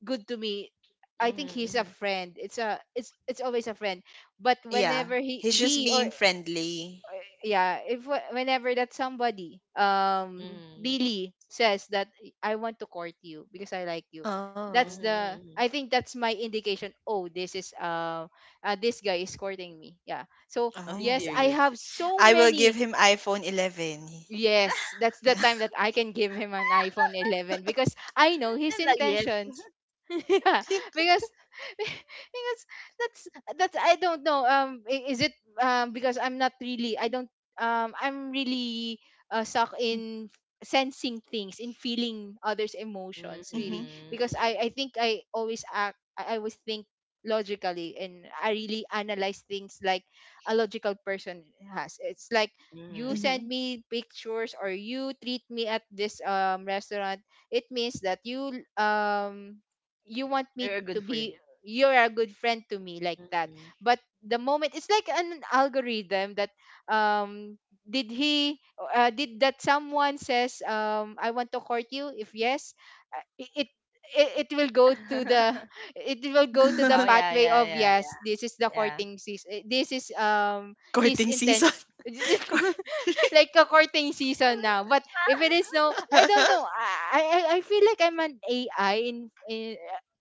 [SPEAKER 3] good to me, I think
[SPEAKER 2] Mhm.
[SPEAKER 3] he's a
[SPEAKER 2] Mhm.
[SPEAKER 3] friend. It's a it's always a friend. But
[SPEAKER 1] Yeah.
[SPEAKER 3] whenever
[SPEAKER 1] He's just
[SPEAKER 3] he or
[SPEAKER 1] being friendly.
[SPEAKER 3] yeah, if whenever that somebody
[SPEAKER 2] Mhm.
[SPEAKER 3] really says that I want to court you because I like you,
[SPEAKER 1] Oh.
[SPEAKER 3] that's the
[SPEAKER 2] Mhm.
[SPEAKER 3] I think that's my indication, oh, this is this guy is courting me. Yeah, so
[SPEAKER 2] Oh, he's
[SPEAKER 3] yes, I
[SPEAKER 1] Oh.
[SPEAKER 2] serious.
[SPEAKER 3] have so
[SPEAKER 1] I will give
[SPEAKER 3] many.
[SPEAKER 1] him iPhone 11.
[SPEAKER 3] Yes, that's the
[SPEAKER 1] Yeah.
[SPEAKER 3] time that I can give him an iPhone 11 because I know his
[SPEAKER 2] And like yes.
[SPEAKER 3] intentions. Yeah, because because that's that's I don't know. Is it because I'm not really, I don't I'm really suck in sensing things in feeling others' emotions, really,
[SPEAKER 1] Mhm,
[SPEAKER 3] because I
[SPEAKER 2] Mhm.
[SPEAKER 3] think I always think logically, and I really analyze things like a logical person has. It's like you
[SPEAKER 2] Mhm.
[SPEAKER 3] send
[SPEAKER 1] mhm.
[SPEAKER 3] me pictures or you treat me at this restaurant, it means that um you want me
[SPEAKER 2] You're
[SPEAKER 3] to
[SPEAKER 2] good for it.
[SPEAKER 3] be you're a good friend to me, like that.
[SPEAKER 2] Mhm.
[SPEAKER 3] But the moment it's like an algorithm that um did he did that someone says I want to court you, if yes, uh, it it, it will go to the it will go to the
[SPEAKER 2] Oh, yeah,
[SPEAKER 3] pathway
[SPEAKER 2] yeah,
[SPEAKER 3] of
[SPEAKER 2] yeah, yeah,
[SPEAKER 3] yes, this is the
[SPEAKER 2] yeah.
[SPEAKER 3] courting season, this is his
[SPEAKER 1] Courting
[SPEAKER 3] intent.
[SPEAKER 1] season. Cour
[SPEAKER 3] Like a courting season now. But if it is no, I don't know. I feel like I'm an AI in in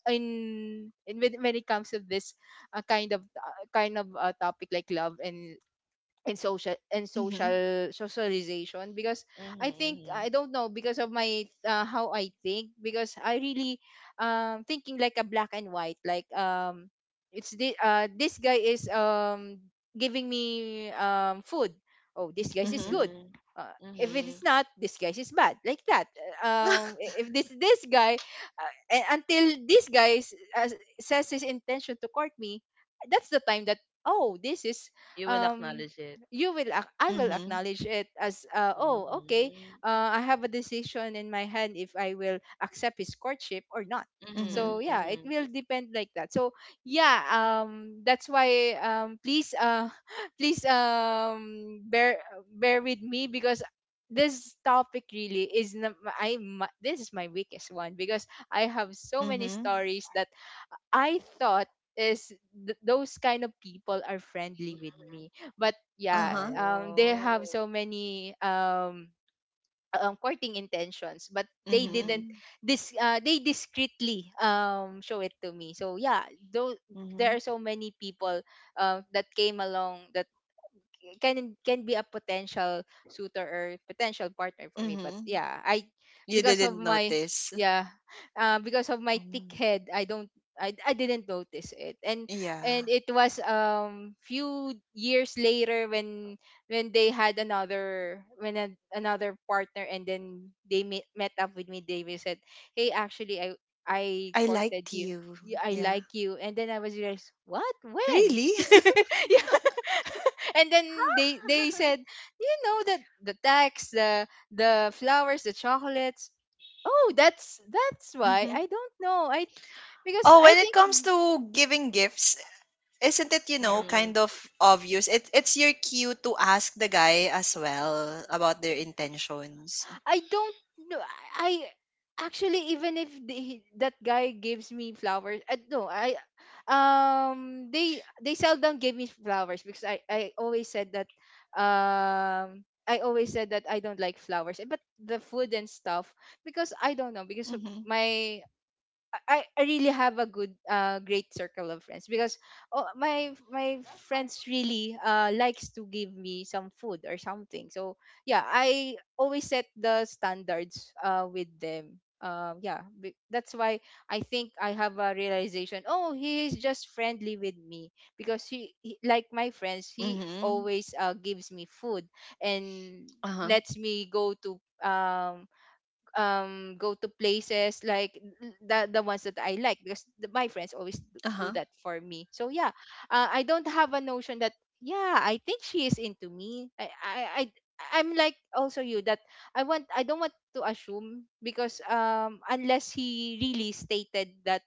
[SPEAKER 3] in, in when it comes to this topic like love and in social and
[SPEAKER 1] Mhm,
[SPEAKER 3] social socialization because
[SPEAKER 2] Hmm.
[SPEAKER 3] I think
[SPEAKER 2] Hmm.
[SPEAKER 3] I don't know because of my how I think, because I really thinking like a black and white, like it's the this guy is giving me food, oh, this guy is
[SPEAKER 1] mhm.
[SPEAKER 3] good.
[SPEAKER 2] Hmm.
[SPEAKER 3] uh, if it is
[SPEAKER 2] Hmm.
[SPEAKER 3] not, this guy is bad, like that. If this guy, and until this guy says his intention to court me, that's the time that oh, this is
[SPEAKER 2] You will
[SPEAKER 3] um
[SPEAKER 2] acknowledge it.
[SPEAKER 3] I will
[SPEAKER 1] Mhm,
[SPEAKER 3] acknowledge it as
[SPEAKER 2] Hmm.
[SPEAKER 3] oh okay,
[SPEAKER 2] Hmm.
[SPEAKER 3] I have a decision in my hand if I will accept his courtship or not.
[SPEAKER 1] mhm,
[SPEAKER 2] Hmm.
[SPEAKER 3] So yeah, it
[SPEAKER 2] Hmm.
[SPEAKER 3] will depend, like that. So yeah, that's why please uh, please bear with me because this topic really is not, I this is my weakest one, because I have so many
[SPEAKER 1] mhm.
[SPEAKER 3] stories that I thought is those kind of people are friendly with me. But yeah,
[SPEAKER 1] Uh-huh.
[SPEAKER 3] they have
[SPEAKER 2] Oh.
[SPEAKER 3] so many courting intentions, but they
[SPEAKER 2] Hmm.
[SPEAKER 3] didn't
[SPEAKER 1] Mhm,
[SPEAKER 3] this they discreetly show it to me. So yeah, though there
[SPEAKER 1] mhm,
[SPEAKER 3] are so many people that came along can be a potential suitor or potential partner for me, but
[SPEAKER 1] mhm.
[SPEAKER 3] yeah, I,
[SPEAKER 1] You
[SPEAKER 3] because of
[SPEAKER 1] didn't
[SPEAKER 3] my
[SPEAKER 1] notice.
[SPEAKER 3] yeah, because of my thick
[SPEAKER 1] Um,
[SPEAKER 3] head I don't, I didn't notice it. And
[SPEAKER 1] yeah.
[SPEAKER 3] it was few years later when they had another, when an another partner, and then they met, met up with me, they said hey actually I
[SPEAKER 1] I
[SPEAKER 3] courted
[SPEAKER 1] liked
[SPEAKER 3] you,
[SPEAKER 1] you.
[SPEAKER 3] I
[SPEAKER 1] Yeah.
[SPEAKER 3] like you. And then I was like what when.
[SPEAKER 1] Really?
[SPEAKER 3] Yeah. And then they said you know that the tax the flowers, the chocolates, oh that's why, I
[SPEAKER 1] Mhm.
[SPEAKER 3] don't know, I because
[SPEAKER 1] Oh,
[SPEAKER 3] I
[SPEAKER 1] when it
[SPEAKER 3] think
[SPEAKER 1] comes to giving gifts, isn't it, you know,
[SPEAKER 2] Hmm.
[SPEAKER 1] kind of obvious? It's your cue to ask the guy as well about their intentions.
[SPEAKER 3] I don't know, I actually even if the, that guy gives me flowers, I, no I they seldom give me flowers because I always said that I always said that I don't like flowers, eh, but the food and stuff, because I don't know because of
[SPEAKER 1] Mhm,
[SPEAKER 3] my, I really have a good great circle of friends, because oh, my friends really likes to give me some food or something. So yeah, I always set the standards with them. Yeah, that's why I think I have a realization, oh, he is just friendly with me because he like my friends, he
[SPEAKER 1] mhm.
[SPEAKER 3] always gives me food and
[SPEAKER 1] Uh-huh,
[SPEAKER 3] lets me go to um go to places like the ones that I like because my friends always
[SPEAKER 1] uh-huh.
[SPEAKER 3] do that for me. So yeah, I don't have a notion that yeah, I think she is into me. I'm like also you that I don't want to assume because unless he really stated that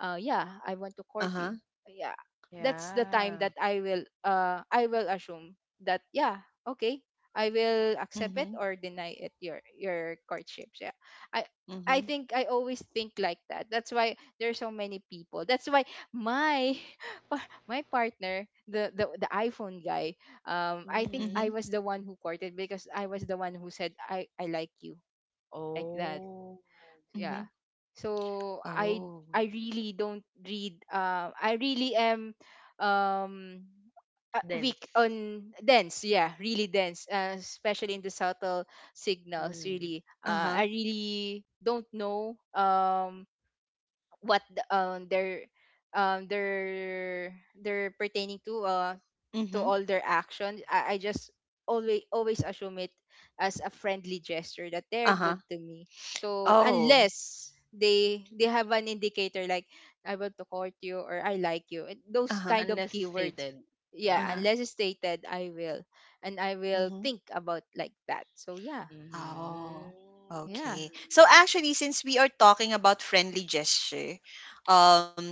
[SPEAKER 3] yeah, I want to court
[SPEAKER 1] Uh-huh.
[SPEAKER 3] you. Yeah, that's the time
[SPEAKER 2] Yeah.
[SPEAKER 3] that I will I will assume that. Yeah, okay, I will accept it
[SPEAKER 1] Mhm.
[SPEAKER 3] or deny it, your courtships. Yeah, i I
[SPEAKER 1] Mhm.
[SPEAKER 3] think I always think like that. That's why there's so many people. That's why my my partner, the the iPhone guy, I think
[SPEAKER 2] Hmm.
[SPEAKER 3] I
[SPEAKER 1] Mhm.
[SPEAKER 3] was the one who courted because I was the one who said I like you, like that.
[SPEAKER 2] Oh,
[SPEAKER 3] Yeah,
[SPEAKER 1] Mhm.
[SPEAKER 3] so i
[SPEAKER 1] Oh.
[SPEAKER 3] i really don't read, I really am, um weak
[SPEAKER 2] dense.
[SPEAKER 3] on dense, yeah, really dense, especially in the subtle signals.
[SPEAKER 2] Mhm.
[SPEAKER 3] Really,
[SPEAKER 1] Uh-huh.
[SPEAKER 3] I really don't know what are um they're they're pertaining to, to
[SPEAKER 1] Mhm.
[SPEAKER 3] all their action. I just always assume it as a friendly gesture that they're good
[SPEAKER 1] Uh-huh.
[SPEAKER 3] to me. So
[SPEAKER 1] Oh.
[SPEAKER 3] unless they have an indicator like, I want to court you, or I like you, and those
[SPEAKER 1] Uh-huh.
[SPEAKER 3] kind of
[SPEAKER 2] Unless it's
[SPEAKER 3] keywords.
[SPEAKER 2] stated.
[SPEAKER 3] Yeah,
[SPEAKER 1] Uh-huh.
[SPEAKER 2] Yeah.
[SPEAKER 3] unless it's stated, I will, and I will
[SPEAKER 1] Mhm.
[SPEAKER 3] think about like that. So yeah,
[SPEAKER 2] Hmm.
[SPEAKER 1] Oh,
[SPEAKER 3] yeah,
[SPEAKER 1] okay. So actually, since we are talking about friendly gesture, um,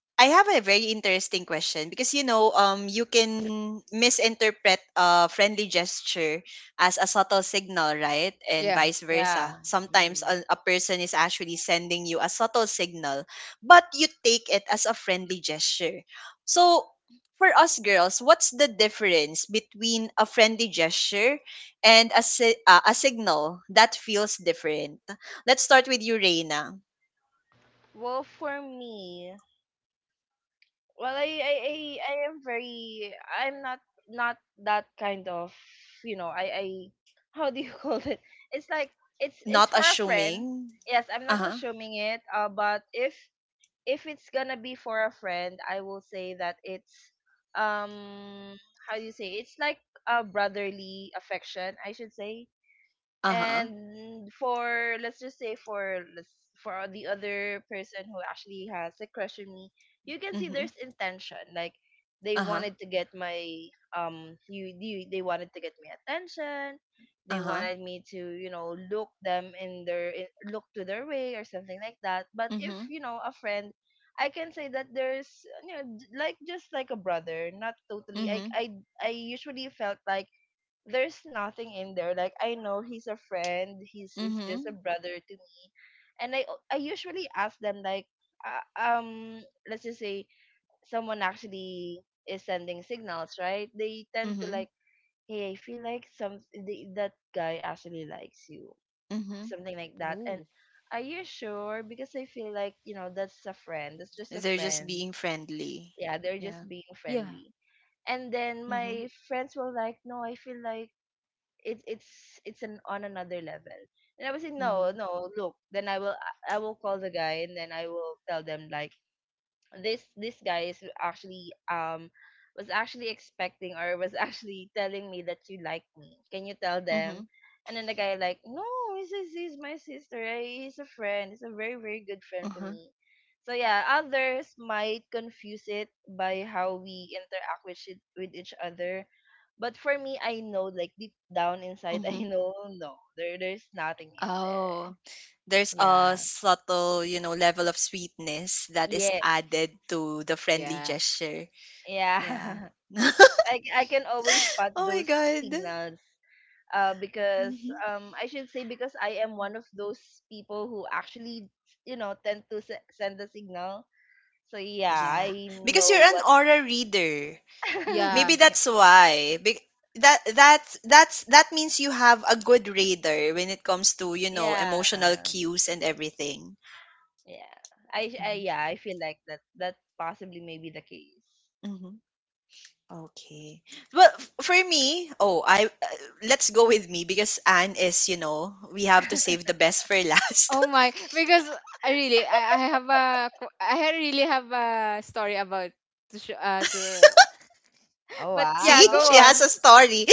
[SPEAKER 1] I have a very interesting question because, you know, you can misinterpret a friendly gesture as a subtle signal, right? And
[SPEAKER 3] yeah.
[SPEAKER 1] vice
[SPEAKER 2] Yeah.
[SPEAKER 1] versa. Sometimes
[SPEAKER 2] Hmm.
[SPEAKER 1] a person is actually sending you a subtle signal, but you take it as a friendly gesture. So for us girls, what's the difference between a friendly gesture and a signal that feels different. Let's start with you, Reina.
[SPEAKER 2] Well, for me, well, I'm not that kind of, you know, how do you call it? It's like, it's
[SPEAKER 1] Not
[SPEAKER 2] for a friend.
[SPEAKER 1] assuming.
[SPEAKER 2] Yes, I'm
[SPEAKER 1] Uh
[SPEAKER 2] not
[SPEAKER 1] huh.
[SPEAKER 2] assuming it. But if it's gonna be for a friend, I will say that um, how do you say? It's like a brotherly affection, I should say.
[SPEAKER 1] Uh huh.
[SPEAKER 2] And for let's just say for let's- for the other person who actually has a crush on me, you can see
[SPEAKER 1] Mm-hmm.
[SPEAKER 2] there's intention. Like they
[SPEAKER 1] Uh huh.
[SPEAKER 2] wanted to get my they wanted to get my attention.
[SPEAKER 1] Uh
[SPEAKER 2] They
[SPEAKER 1] huh.
[SPEAKER 2] wanted me to, you know, look them in their in- look to their way, or something like that. But if,
[SPEAKER 1] Mm-hmm.
[SPEAKER 2] you know, a friend, I can say that there's, you know, like just like a brother, not totally. i
[SPEAKER 1] Mm-hmm.
[SPEAKER 2] i, I usually felt like there's nothing in there. Like I know he's a friend, he's just a
[SPEAKER 1] Mm-hmm.
[SPEAKER 2] brother to me, and I usually ask them like, uh, um, let's just say someone actually is sending signals, right? They tend to
[SPEAKER 1] Mm-hmm.
[SPEAKER 2] like, hey, I feel like that guy actually likes you,
[SPEAKER 1] Mm-hmm.
[SPEAKER 2] something like that, and.
[SPEAKER 3] Ooh.
[SPEAKER 2] Are you sure? Because I feel like, you know, that's a friend. That's just a
[SPEAKER 1] They're just
[SPEAKER 2] friend.
[SPEAKER 1] being friendly.
[SPEAKER 2] Yeah, they're
[SPEAKER 1] Yeah.
[SPEAKER 2] just being
[SPEAKER 3] Yeah,
[SPEAKER 2] friendly. And then
[SPEAKER 1] Mm-hmm.
[SPEAKER 2] my friends were like, no, I feel like it's an on another level. And I was like,
[SPEAKER 1] Mm-hmm.
[SPEAKER 2] no, no, look. Then I will call the guy and then I will tell them like, this guy is actually was actually expecting, or was actually telling me that you like me. Can you tell
[SPEAKER 1] Mm-hmm.
[SPEAKER 2] them? And then the guy like, no, he's my sister. He's a friend. He's a very, very good friend to
[SPEAKER 1] Mm-hmm.
[SPEAKER 2] me. So yeah, others might confuse it by how we interact with it, with each other. But for me, I know like deep down inside, I
[SPEAKER 1] Mm-hmm.
[SPEAKER 2] know, no, there there's nothing in there.
[SPEAKER 1] Oh, there's a
[SPEAKER 2] Yeah.
[SPEAKER 1] subtle, you know, level of sweetness that is
[SPEAKER 2] Yes.
[SPEAKER 1] added to the friendly
[SPEAKER 3] yeah,
[SPEAKER 1] gesture.
[SPEAKER 2] Yeah.
[SPEAKER 1] Yeah. Oh
[SPEAKER 2] I can always spot
[SPEAKER 1] my
[SPEAKER 2] those
[SPEAKER 1] god.
[SPEAKER 2] signals. Because
[SPEAKER 1] Mm-hmm.
[SPEAKER 2] I should say, because I am one of those people who actually, you know, tend to send the signal. So yeah,
[SPEAKER 1] Yeah,
[SPEAKER 2] I
[SPEAKER 1] because you're
[SPEAKER 2] know
[SPEAKER 1] an
[SPEAKER 2] what.
[SPEAKER 1] aura reader.
[SPEAKER 3] yeah.
[SPEAKER 1] Maybe
[SPEAKER 2] Yeah,
[SPEAKER 1] that's why. That that means you have a good reader when it comes to, you know,
[SPEAKER 2] yeah.
[SPEAKER 1] emotional cues and everything.
[SPEAKER 2] Yeah. I, sh- I
[SPEAKER 1] Hmm,
[SPEAKER 2] yeah, I feel like that that possibly may be the case.
[SPEAKER 1] hmm. Okay. Well, for me, oh, I let's go with me because Anne is, you know, we have to save the best for last.
[SPEAKER 3] Oh my, because I really I have a I really have a story about to show, to
[SPEAKER 2] Oh
[SPEAKER 3] but yeah,
[SPEAKER 1] See,
[SPEAKER 2] wow.
[SPEAKER 3] go
[SPEAKER 1] she has
[SPEAKER 3] on.
[SPEAKER 1] a story.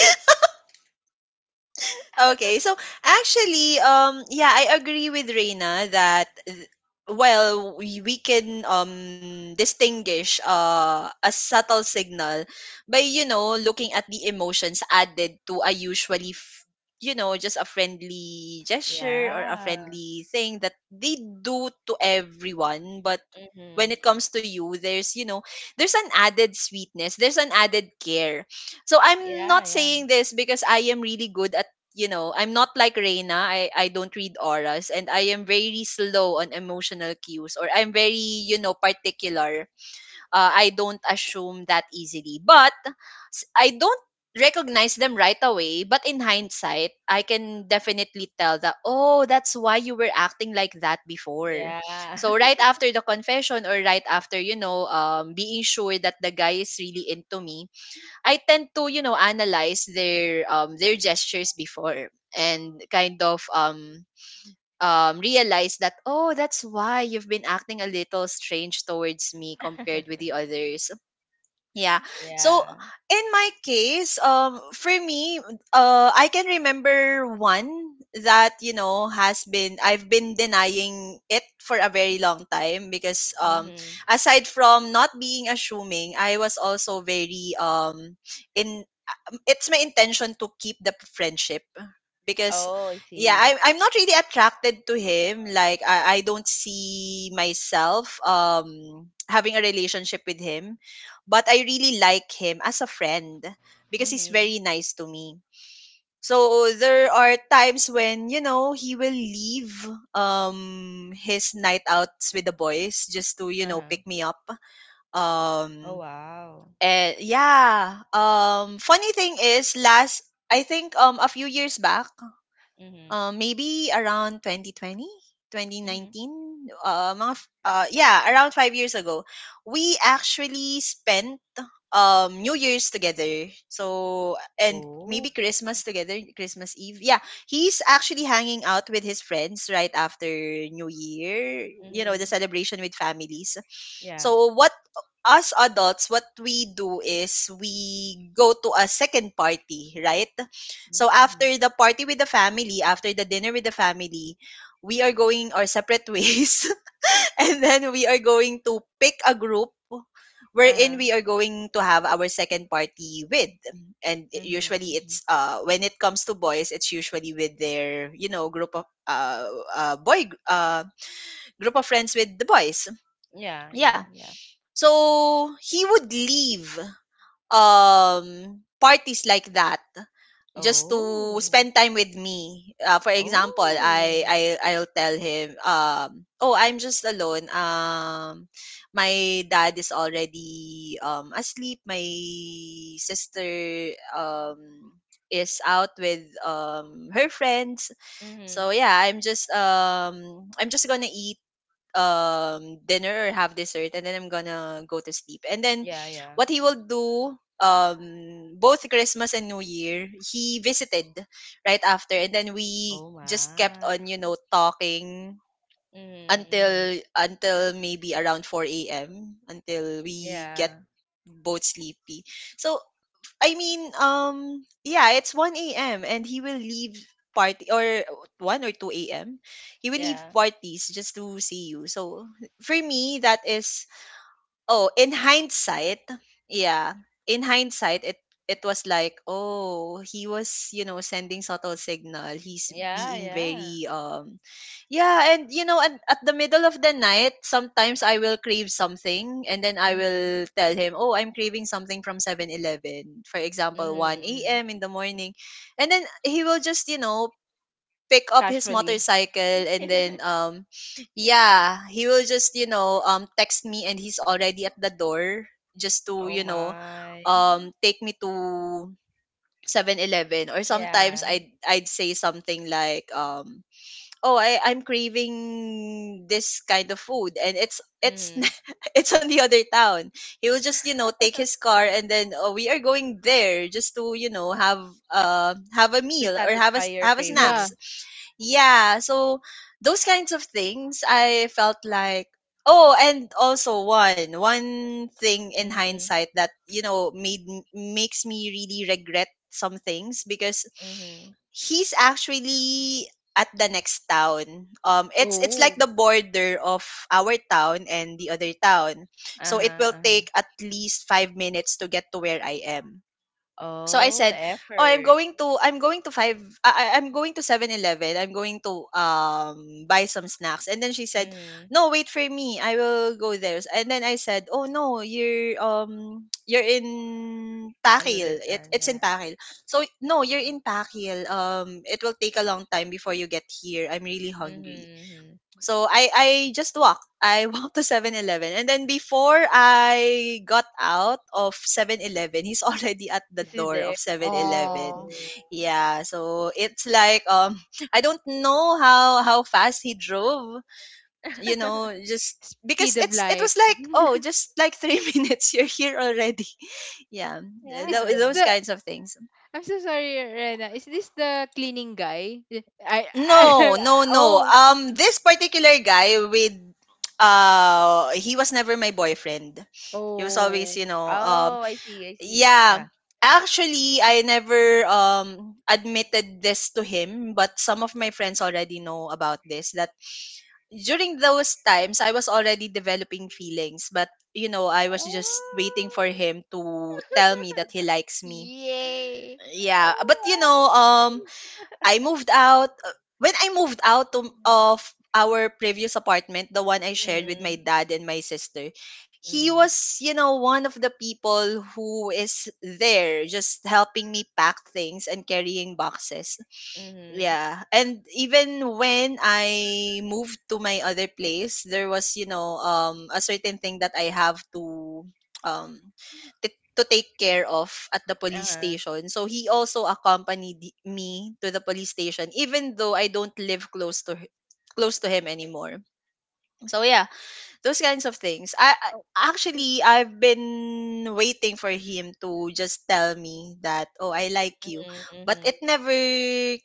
[SPEAKER 1] Okay, so actually, yeah, I agree with Reina that well, we can distinguish a subtle signal by, you know, looking at the emotions added to a usually you know, just a friendly gesture or a
[SPEAKER 2] Yeah.
[SPEAKER 1] friendly thing that they do to everyone, but when
[SPEAKER 2] Mhm.
[SPEAKER 1] it comes to you there's, you know, there's an added sweetness, there's an added care. So I'm
[SPEAKER 2] Yeah,
[SPEAKER 1] not
[SPEAKER 2] yeah.
[SPEAKER 1] saying this because I am really good at, you know, I'm not like Reina. I don't read auras and I am very slow on emotional cues, or I'm very, you know, particular. I don't assume that easily. But I don't recognize them right away. But in hindsight, I can definitely tell that, oh, that's why you were acting like that before.
[SPEAKER 2] Yeah.
[SPEAKER 1] So right after the confession, or right after, you know, being sure that the guy is really into me, I tend to, you know, analyze their gestures before and kind of realize that, oh, that's why you've been acting a little strange towards me compared with the others, yeah. So
[SPEAKER 2] Yeah.
[SPEAKER 1] in my case, for me, I can remember one that, you know, has been I've been denying it for a very long time because,
[SPEAKER 2] Mhm.
[SPEAKER 1] aside from not being assuming, I was also very in it's my intention to keep the friendship because
[SPEAKER 2] Oh, I
[SPEAKER 1] yeah,
[SPEAKER 2] see.
[SPEAKER 1] I'm not really attracted to him. Like, I don't see myself having a relationship with him, but I really like him as a friend because he's
[SPEAKER 2] Mhm.
[SPEAKER 1] very nice to me. So there are times when, you know, he will leave, his night outs with the boys, just to, you know,
[SPEAKER 2] Uh-huh.
[SPEAKER 1] pick me up.
[SPEAKER 2] Oh,
[SPEAKER 1] Um
[SPEAKER 2] wow.
[SPEAKER 1] and yeah, funny thing is, last I think, a few years back,
[SPEAKER 2] Mhm,
[SPEAKER 1] maybe around 2020,
[SPEAKER 2] mhm.
[SPEAKER 1] 2019, yeah, around 5 years ago, we actually spent, New Year's together. So, and
[SPEAKER 2] Oh.
[SPEAKER 1] maybe Christmas together, Christmas Eve. Yeah, he's actually hanging out with his friends right after New Year, you know, the
[SPEAKER 2] Mhm.
[SPEAKER 1] celebration with families.
[SPEAKER 2] Yeah.
[SPEAKER 1] So what, us adults, what we do is we go to a second party, right?
[SPEAKER 2] Mhm,
[SPEAKER 1] So
[SPEAKER 2] mhm.
[SPEAKER 1] after the party with the family, after the dinner with the family, we are going our separate ways, and then we are going to pick a group wherein
[SPEAKER 2] Uh-huh.
[SPEAKER 1] we are going to have our second party with. And
[SPEAKER 2] Mhm,
[SPEAKER 1] usually
[SPEAKER 2] mhm.
[SPEAKER 1] it's, when it comes to boys, it's usually with their, you know, group of boy gr- group of friends, with the boys,
[SPEAKER 2] Yeah, yeah,
[SPEAKER 1] yeah.
[SPEAKER 2] yeah.
[SPEAKER 1] So he would leave, um parties like that, just to
[SPEAKER 2] Oh,
[SPEAKER 1] spend time with me. For example,
[SPEAKER 2] oh.
[SPEAKER 1] I'll tell him, "Oh, I'm just alone. My dad is already asleep. My sister is out with her friends.
[SPEAKER 2] Mhm.
[SPEAKER 1] So yeah, I'm just going to eat dinner or have dessert, and then I'm gonna go to sleep." And then
[SPEAKER 2] Yeah, yeah.
[SPEAKER 1] what he will do, both Christmas and New Year, he visited right after, and then we
[SPEAKER 2] Oh
[SPEAKER 1] just kept
[SPEAKER 2] my.
[SPEAKER 1] on, you know, talking
[SPEAKER 2] Mhm, mhm.
[SPEAKER 1] until maybe around 4 a.m., until we get
[SPEAKER 2] Yeah,
[SPEAKER 1] both sleepy. So, I mean, yeah, it's 1 a.m. and he will leave party or 1 or 2 a.m. He will leave
[SPEAKER 2] yeah.
[SPEAKER 1] parties just to see you. So for me, that is... Oh, in hindsight, yeah. In hindsight, it was like, oh, he was, you know, sending subtle signal. He's
[SPEAKER 2] Yeah,
[SPEAKER 1] being
[SPEAKER 2] yeah.
[SPEAKER 1] very... Yeah, and, you know, and at the middle of the night, sometimes I will crave something, and then I
[SPEAKER 2] Mhm,
[SPEAKER 1] will tell him, "Oh, I'm craving something from 7-Eleven." For
[SPEAKER 2] mhm,
[SPEAKER 1] example, 1
[SPEAKER 2] mhm.
[SPEAKER 1] a.m. in the morning. And then he will just, you know, pick up his
[SPEAKER 2] Casually.
[SPEAKER 1] motorcycle, and then yeah, he will just, you know, text me, and he's already at the door, just to,
[SPEAKER 2] Oh
[SPEAKER 1] you know,
[SPEAKER 2] my.
[SPEAKER 1] take me to 7-Eleven. Or sometimes
[SPEAKER 2] Yeah.
[SPEAKER 1] I'd say something like, "Oh, I'm craving this kind of food, and it's
[SPEAKER 2] Mhm.
[SPEAKER 1] it's on the other town." He will just, you know, take his car, and then, oh, we are going there, just to, you know, have a
[SPEAKER 2] To
[SPEAKER 1] meal or have a
[SPEAKER 2] satisfy
[SPEAKER 1] s-
[SPEAKER 2] your
[SPEAKER 1] have a snacks.
[SPEAKER 3] Yeah.
[SPEAKER 2] cravings.
[SPEAKER 1] Yeah, so those kinds of things, I felt like, oh. And also one thing in
[SPEAKER 2] Mhm,
[SPEAKER 1] hindsight that, you know, made makes me really regret some things, because
[SPEAKER 2] mhm.
[SPEAKER 1] he's actually at the next town. It's like
[SPEAKER 3] Oh.
[SPEAKER 1] the border of our town and the other town, so it
[SPEAKER 2] Uh-huh,
[SPEAKER 1] will
[SPEAKER 2] uh-huh.
[SPEAKER 1] take at least 5 minutes to get to where I am. So I
[SPEAKER 2] Oh, the
[SPEAKER 1] said, "Oh,
[SPEAKER 2] effort.
[SPEAKER 1] I'm going to buy some snacks." And then she said,
[SPEAKER 2] Mhm.
[SPEAKER 1] "No, wait for me. I will go there." And then I said, "Oh no, you're you're in
[SPEAKER 2] Another
[SPEAKER 1] Pakil. It,
[SPEAKER 2] time
[SPEAKER 1] it's
[SPEAKER 2] na.
[SPEAKER 1] in Pakil. So no, you're in Pakil. It will take a long time before you get here. I'm really hungry."
[SPEAKER 2] Mhm, mhm.
[SPEAKER 1] So I just walked. I walked to 7-Eleven, and then before I got out of 7-Eleven, he's already at the
[SPEAKER 2] Is he
[SPEAKER 1] door
[SPEAKER 2] there?
[SPEAKER 1] of Seven
[SPEAKER 2] Oh.
[SPEAKER 1] Eleven.
[SPEAKER 3] Oh.
[SPEAKER 1] Yeah, so it's like I don't know how fast he drove, you know, just
[SPEAKER 3] Speed
[SPEAKER 1] because
[SPEAKER 3] of
[SPEAKER 1] it
[SPEAKER 3] light.
[SPEAKER 1] was like, oh, just like 3 minutes you're here already. Yeah, th-
[SPEAKER 3] Is
[SPEAKER 1] tho-
[SPEAKER 3] this
[SPEAKER 2] Yeah.
[SPEAKER 1] those
[SPEAKER 3] the
[SPEAKER 1] kinds of things.
[SPEAKER 3] I'm so sorry, Rena. Is this the cleaning guy? Yeah, I
[SPEAKER 1] No, no, no.
[SPEAKER 3] oh.
[SPEAKER 1] This particular guy with, he was never my boyfriend. He was always, you
[SPEAKER 3] Oh.
[SPEAKER 1] know,
[SPEAKER 2] Oh, I see, I see.
[SPEAKER 1] yeah.
[SPEAKER 2] Yeah.
[SPEAKER 1] Actually, I never admitted this to him, but some of my friends already know about this, that during those times I was already developing feelings. But, you know, I was just waiting for
[SPEAKER 2] Oh.
[SPEAKER 1] him to tell me that he likes me.
[SPEAKER 3] Yay.
[SPEAKER 1] Yeah,
[SPEAKER 2] Oh,
[SPEAKER 1] but, you know,
[SPEAKER 2] wow.
[SPEAKER 1] I moved out. When I moved out, of our previous apartment, the one I shared with my
[SPEAKER 2] Mhm,
[SPEAKER 1] dad and my sister, he
[SPEAKER 2] mhm,
[SPEAKER 1] was, you know, one of the people who is there just helping me pack things and carrying boxes.
[SPEAKER 2] mhm.
[SPEAKER 1] Yeah. And even when I moved to my other place, there was, you know, a certain thing that I have um to take care of at the police
[SPEAKER 2] Uh-huh.
[SPEAKER 1] station. So he also accompanied me to the police station, even though I don't live close to him anymore. So yeah, those kinds of things. I,
[SPEAKER 3] Oh.
[SPEAKER 1] I
[SPEAKER 3] w-
[SPEAKER 1] actually I've been waiting for him to just tell me that, oh, "I like you."
[SPEAKER 2] Mhm,
[SPEAKER 1] But
[SPEAKER 2] mhm.
[SPEAKER 1] it never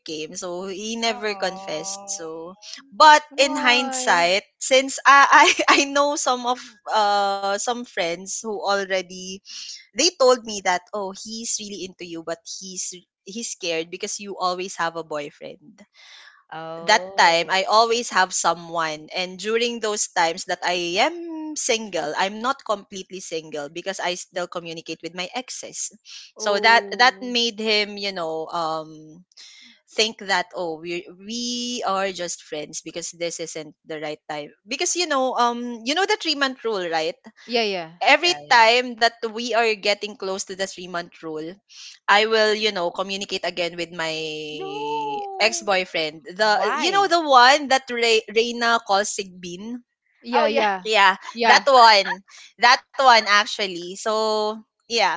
[SPEAKER 1] came. So he never confessed.
[SPEAKER 2] Oh.
[SPEAKER 1] So, but in
[SPEAKER 3] Why?
[SPEAKER 1] hindsight, since I I know some of, some friends who already, they told me that, oh, he's really into you, but he's scared because you always have a boyfriend. That time
[SPEAKER 2] Oh.
[SPEAKER 1] I always have someone, and during those times that I am single, I'm not completely single because I still
[SPEAKER 2] Yeah,
[SPEAKER 1] communicate with my exes. So that
[SPEAKER 3] Oh.
[SPEAKER 1] made him, you know, think that, oh, we are just friends, because this isn't the right time, because, you know the 3-month rule, right?
[SPEAKER 3] Yeah, yeah.
[SPEAKER 1] Every
[SPEAKER 2] yeah, yeah.
[SPEAKER 1] time that we are getting close to the 3-month rule, I will, you know, communicate again with my ex
[SPEAKER 3] No.
[SPEAKER 1] boyfriend. The you know
[SPEAKER 2] Why?
[SPEAKER 1] the one that Reina calls Sigbin.
[SPEAKER 3] Yeah,
[SPEAKER 2] Oh, yeah.
[SPEAKER 3] yeah.
[SPEAKER 1] Yeah,
[SPEAKER 3] Yeah.
[SPEAKER 1] that one, that one actually. So yeah,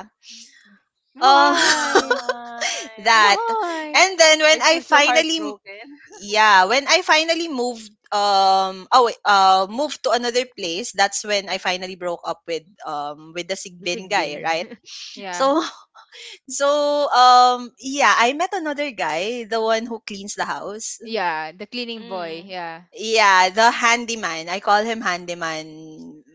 [SPEAKER 1] uh,
[SPEAKER 3] Why?
[SPEAKER 2] Why?
[SPEAKER 1] that.
[SPEAKER 3] Why?
[SPEAKER 1] And then when
[SPEAKER 2] I
[SPEAKER 1] I
[SPEAKER 2] feel so
[SPEAKER 1] finally...
[SPEAKER 2] heartbroken.
[SPEAKER 1] yeah, when I finally moved. Oh wait, moved to another place, that's when I finally broke up with, the
[SPEAKER 2] The
[SPEAKER 1] Sigbin
[SPEAKER 2] sick bin.
[SPEAKER 1] guy, right?
[SPEAKER 3] Yeah.
[SPEAKER 1] So. So, yeah, I met another guy, the one who cleans the house.
[SPEAKER 3] Yeah, the cleaning boy.
[SPEAKER 2] Mm.
[SPEAKER 3] Yeah.
[SPEAKER 1] Yeah, the handyman. I call him handyman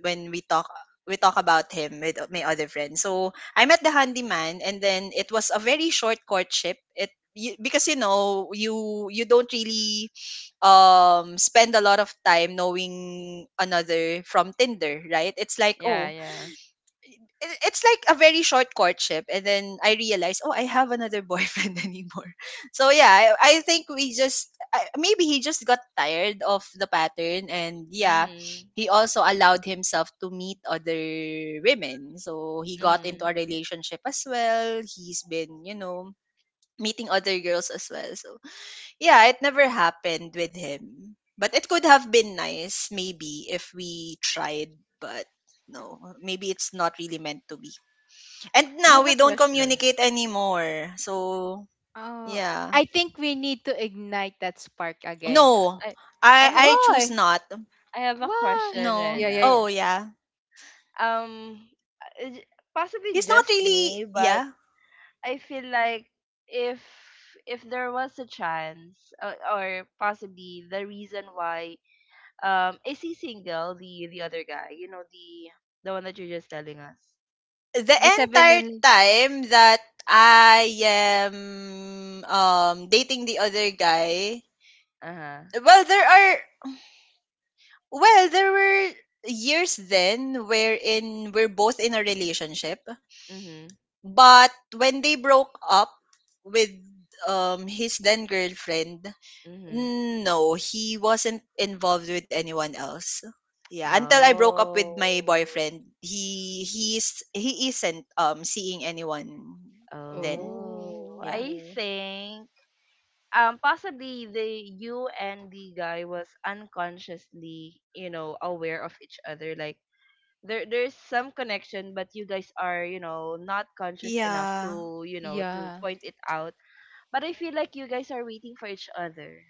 [SPEAKER 1] when we talk about him with my other friend. So, I met the handyman, and then it was a very short courtship. Because, you know, you don't really spend a lot of time knowing another from Tinder, right? It's like,
[SPEAKER 2] Yeah,
[SPEAKER 1] "Oh,
[SPEAKER 2] yeah.
[SPEAKER 1] it's like a very short courtship." And then I realized, oh, I have another boyfriend anymore. So yeah, I think we just... maybe he just got tired of the pattern. And yeah,
[SPEAKER 2] Mhm.
[SPEAKER 1] he also allowed himself to meet other women, so he got into
[SPEAKER 2] Mhm.
[SPEAKER 1] a relationship as well. He's been, you know, meeting other girls as well. So yeah, it never happened with him, but it could have been nice, maybe if we tried. But no, maybe it's not really meant to be, and
[SPEAKER 2] I
[SPEAKER 1] now
[SPEAKER 2] have
[SPEAKER 3] Oh,
[SPEAKER 2] a
[SPEAKER 1] we don't
[SPEAKER 2] question.
[SPEAKER 1] communicate anymore. So,
[SPEAKER 3] oh,
[SPEAKER 1] yeah.
[SPEAKER 3] I think we need to ignite that spark again.
[SPEAKER 1] No.
[SPEAKER 2] I I
[SPEAKER 1] I
[SPEAKER 2] have
[SPEAKER 1] I
[SPEAKER 2] a
[SPEAKER 1] choose
[SPEAKER 3] Why?
[SPEAKER 1] not.
[SPEAKER 2] I have a
[SPEAKER 3] Why?
[SPEAKER 2] question,
[SPEAKER 1] No.
[SPEAKER 3] Yeah, yeah, yeah.
[SPEAKER 1] Oh,
[SPEAKER 2] Rena.
[SPEAKER 1] yeah.
[SPEAKER 2] Um, uh, j- possibly
[SPEAKER 1] He's not
[SPEAKER 2] just
[SPEAKER 1] really,
[SPEAKER 2] me, but
[SPEAKER 1] yeah.
[SPEAKER 2] I feel like if if there was a chance, or possibly the reason why, is he single? The other guy, you know, the one that you're just telling us.
[SPEAKER 1] The
[SPEAKER 3] The 7
[SPEAKER 1] entire
[SPEAKER 3] and
[SPEAKER 1] time that I am dating the other guy,
[SPEAKER 2] Uh huh.
[SPEAKER 1] well there are, well there were years then wherein we're both in a relationship.
[SPEAKER 2] Mhm.
[SPEAKER 1] But when they broke up with, his then girlfriend.
[SPEAKER 2] Mhm.
[SPEAKER 1] No, he wasn't involved with anyone else. Yeah, until I broke up with my
[SPEAKER 2] Oh.
[SPEAKER 1] boyfriend, he isn't seeing anyone then.
[SPEAKER 2] Oh,
[SPEAKER 1] Yeah.
[SPEAKER 2] I
[SPEAKER 3] oh.
[SPEAKER 2] think possibly the you and the guy was unconsciously, you know, aware of each other. Like there's some connection, but you guys are, you know, not conscious enough
[SPEAKER 1] Yeah.
[SPEAKER 2] to, you know, to
[SPEAKER 3] Yeah.
[SPEAKER 2] point it out. But I feel like you guys are waiting for each other.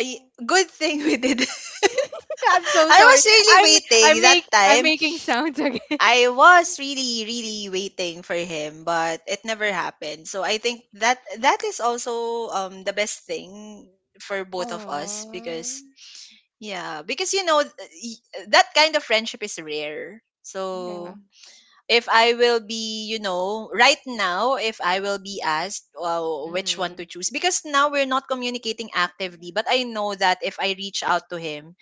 [SPEAKER 1] Good thing we did.
[SPEAKER 3] I'm so
[SPEAKER 1] I
[SPEAKER 3] sorry.
[SPEAKER 1] was really
[SPEAKER 3] I'm I
[SPEAKER 1] waiting that
[SPEAKER 3] make, I'm
[SPEAKER 1] time.
[SPEAKER 3] making sounds again.
[SPEAKER 1] I was really really waiting for him, but it never happened. So I think that that is also the best thing for both of us, because
[SPEAKER 3] Oh.
[SPEAKER 1] yeah, because, you know, that kind of friendship is rare.
[SPEAKER 3] Yeah.
[SPEAKER 1] So if I will be, you know, right now, if I will be asked, which one
[SPEAKER 2] Mm-hmm.
[SPEAKER 1] to choose, because now we're not communicating actively, but I know that if I reach out to him,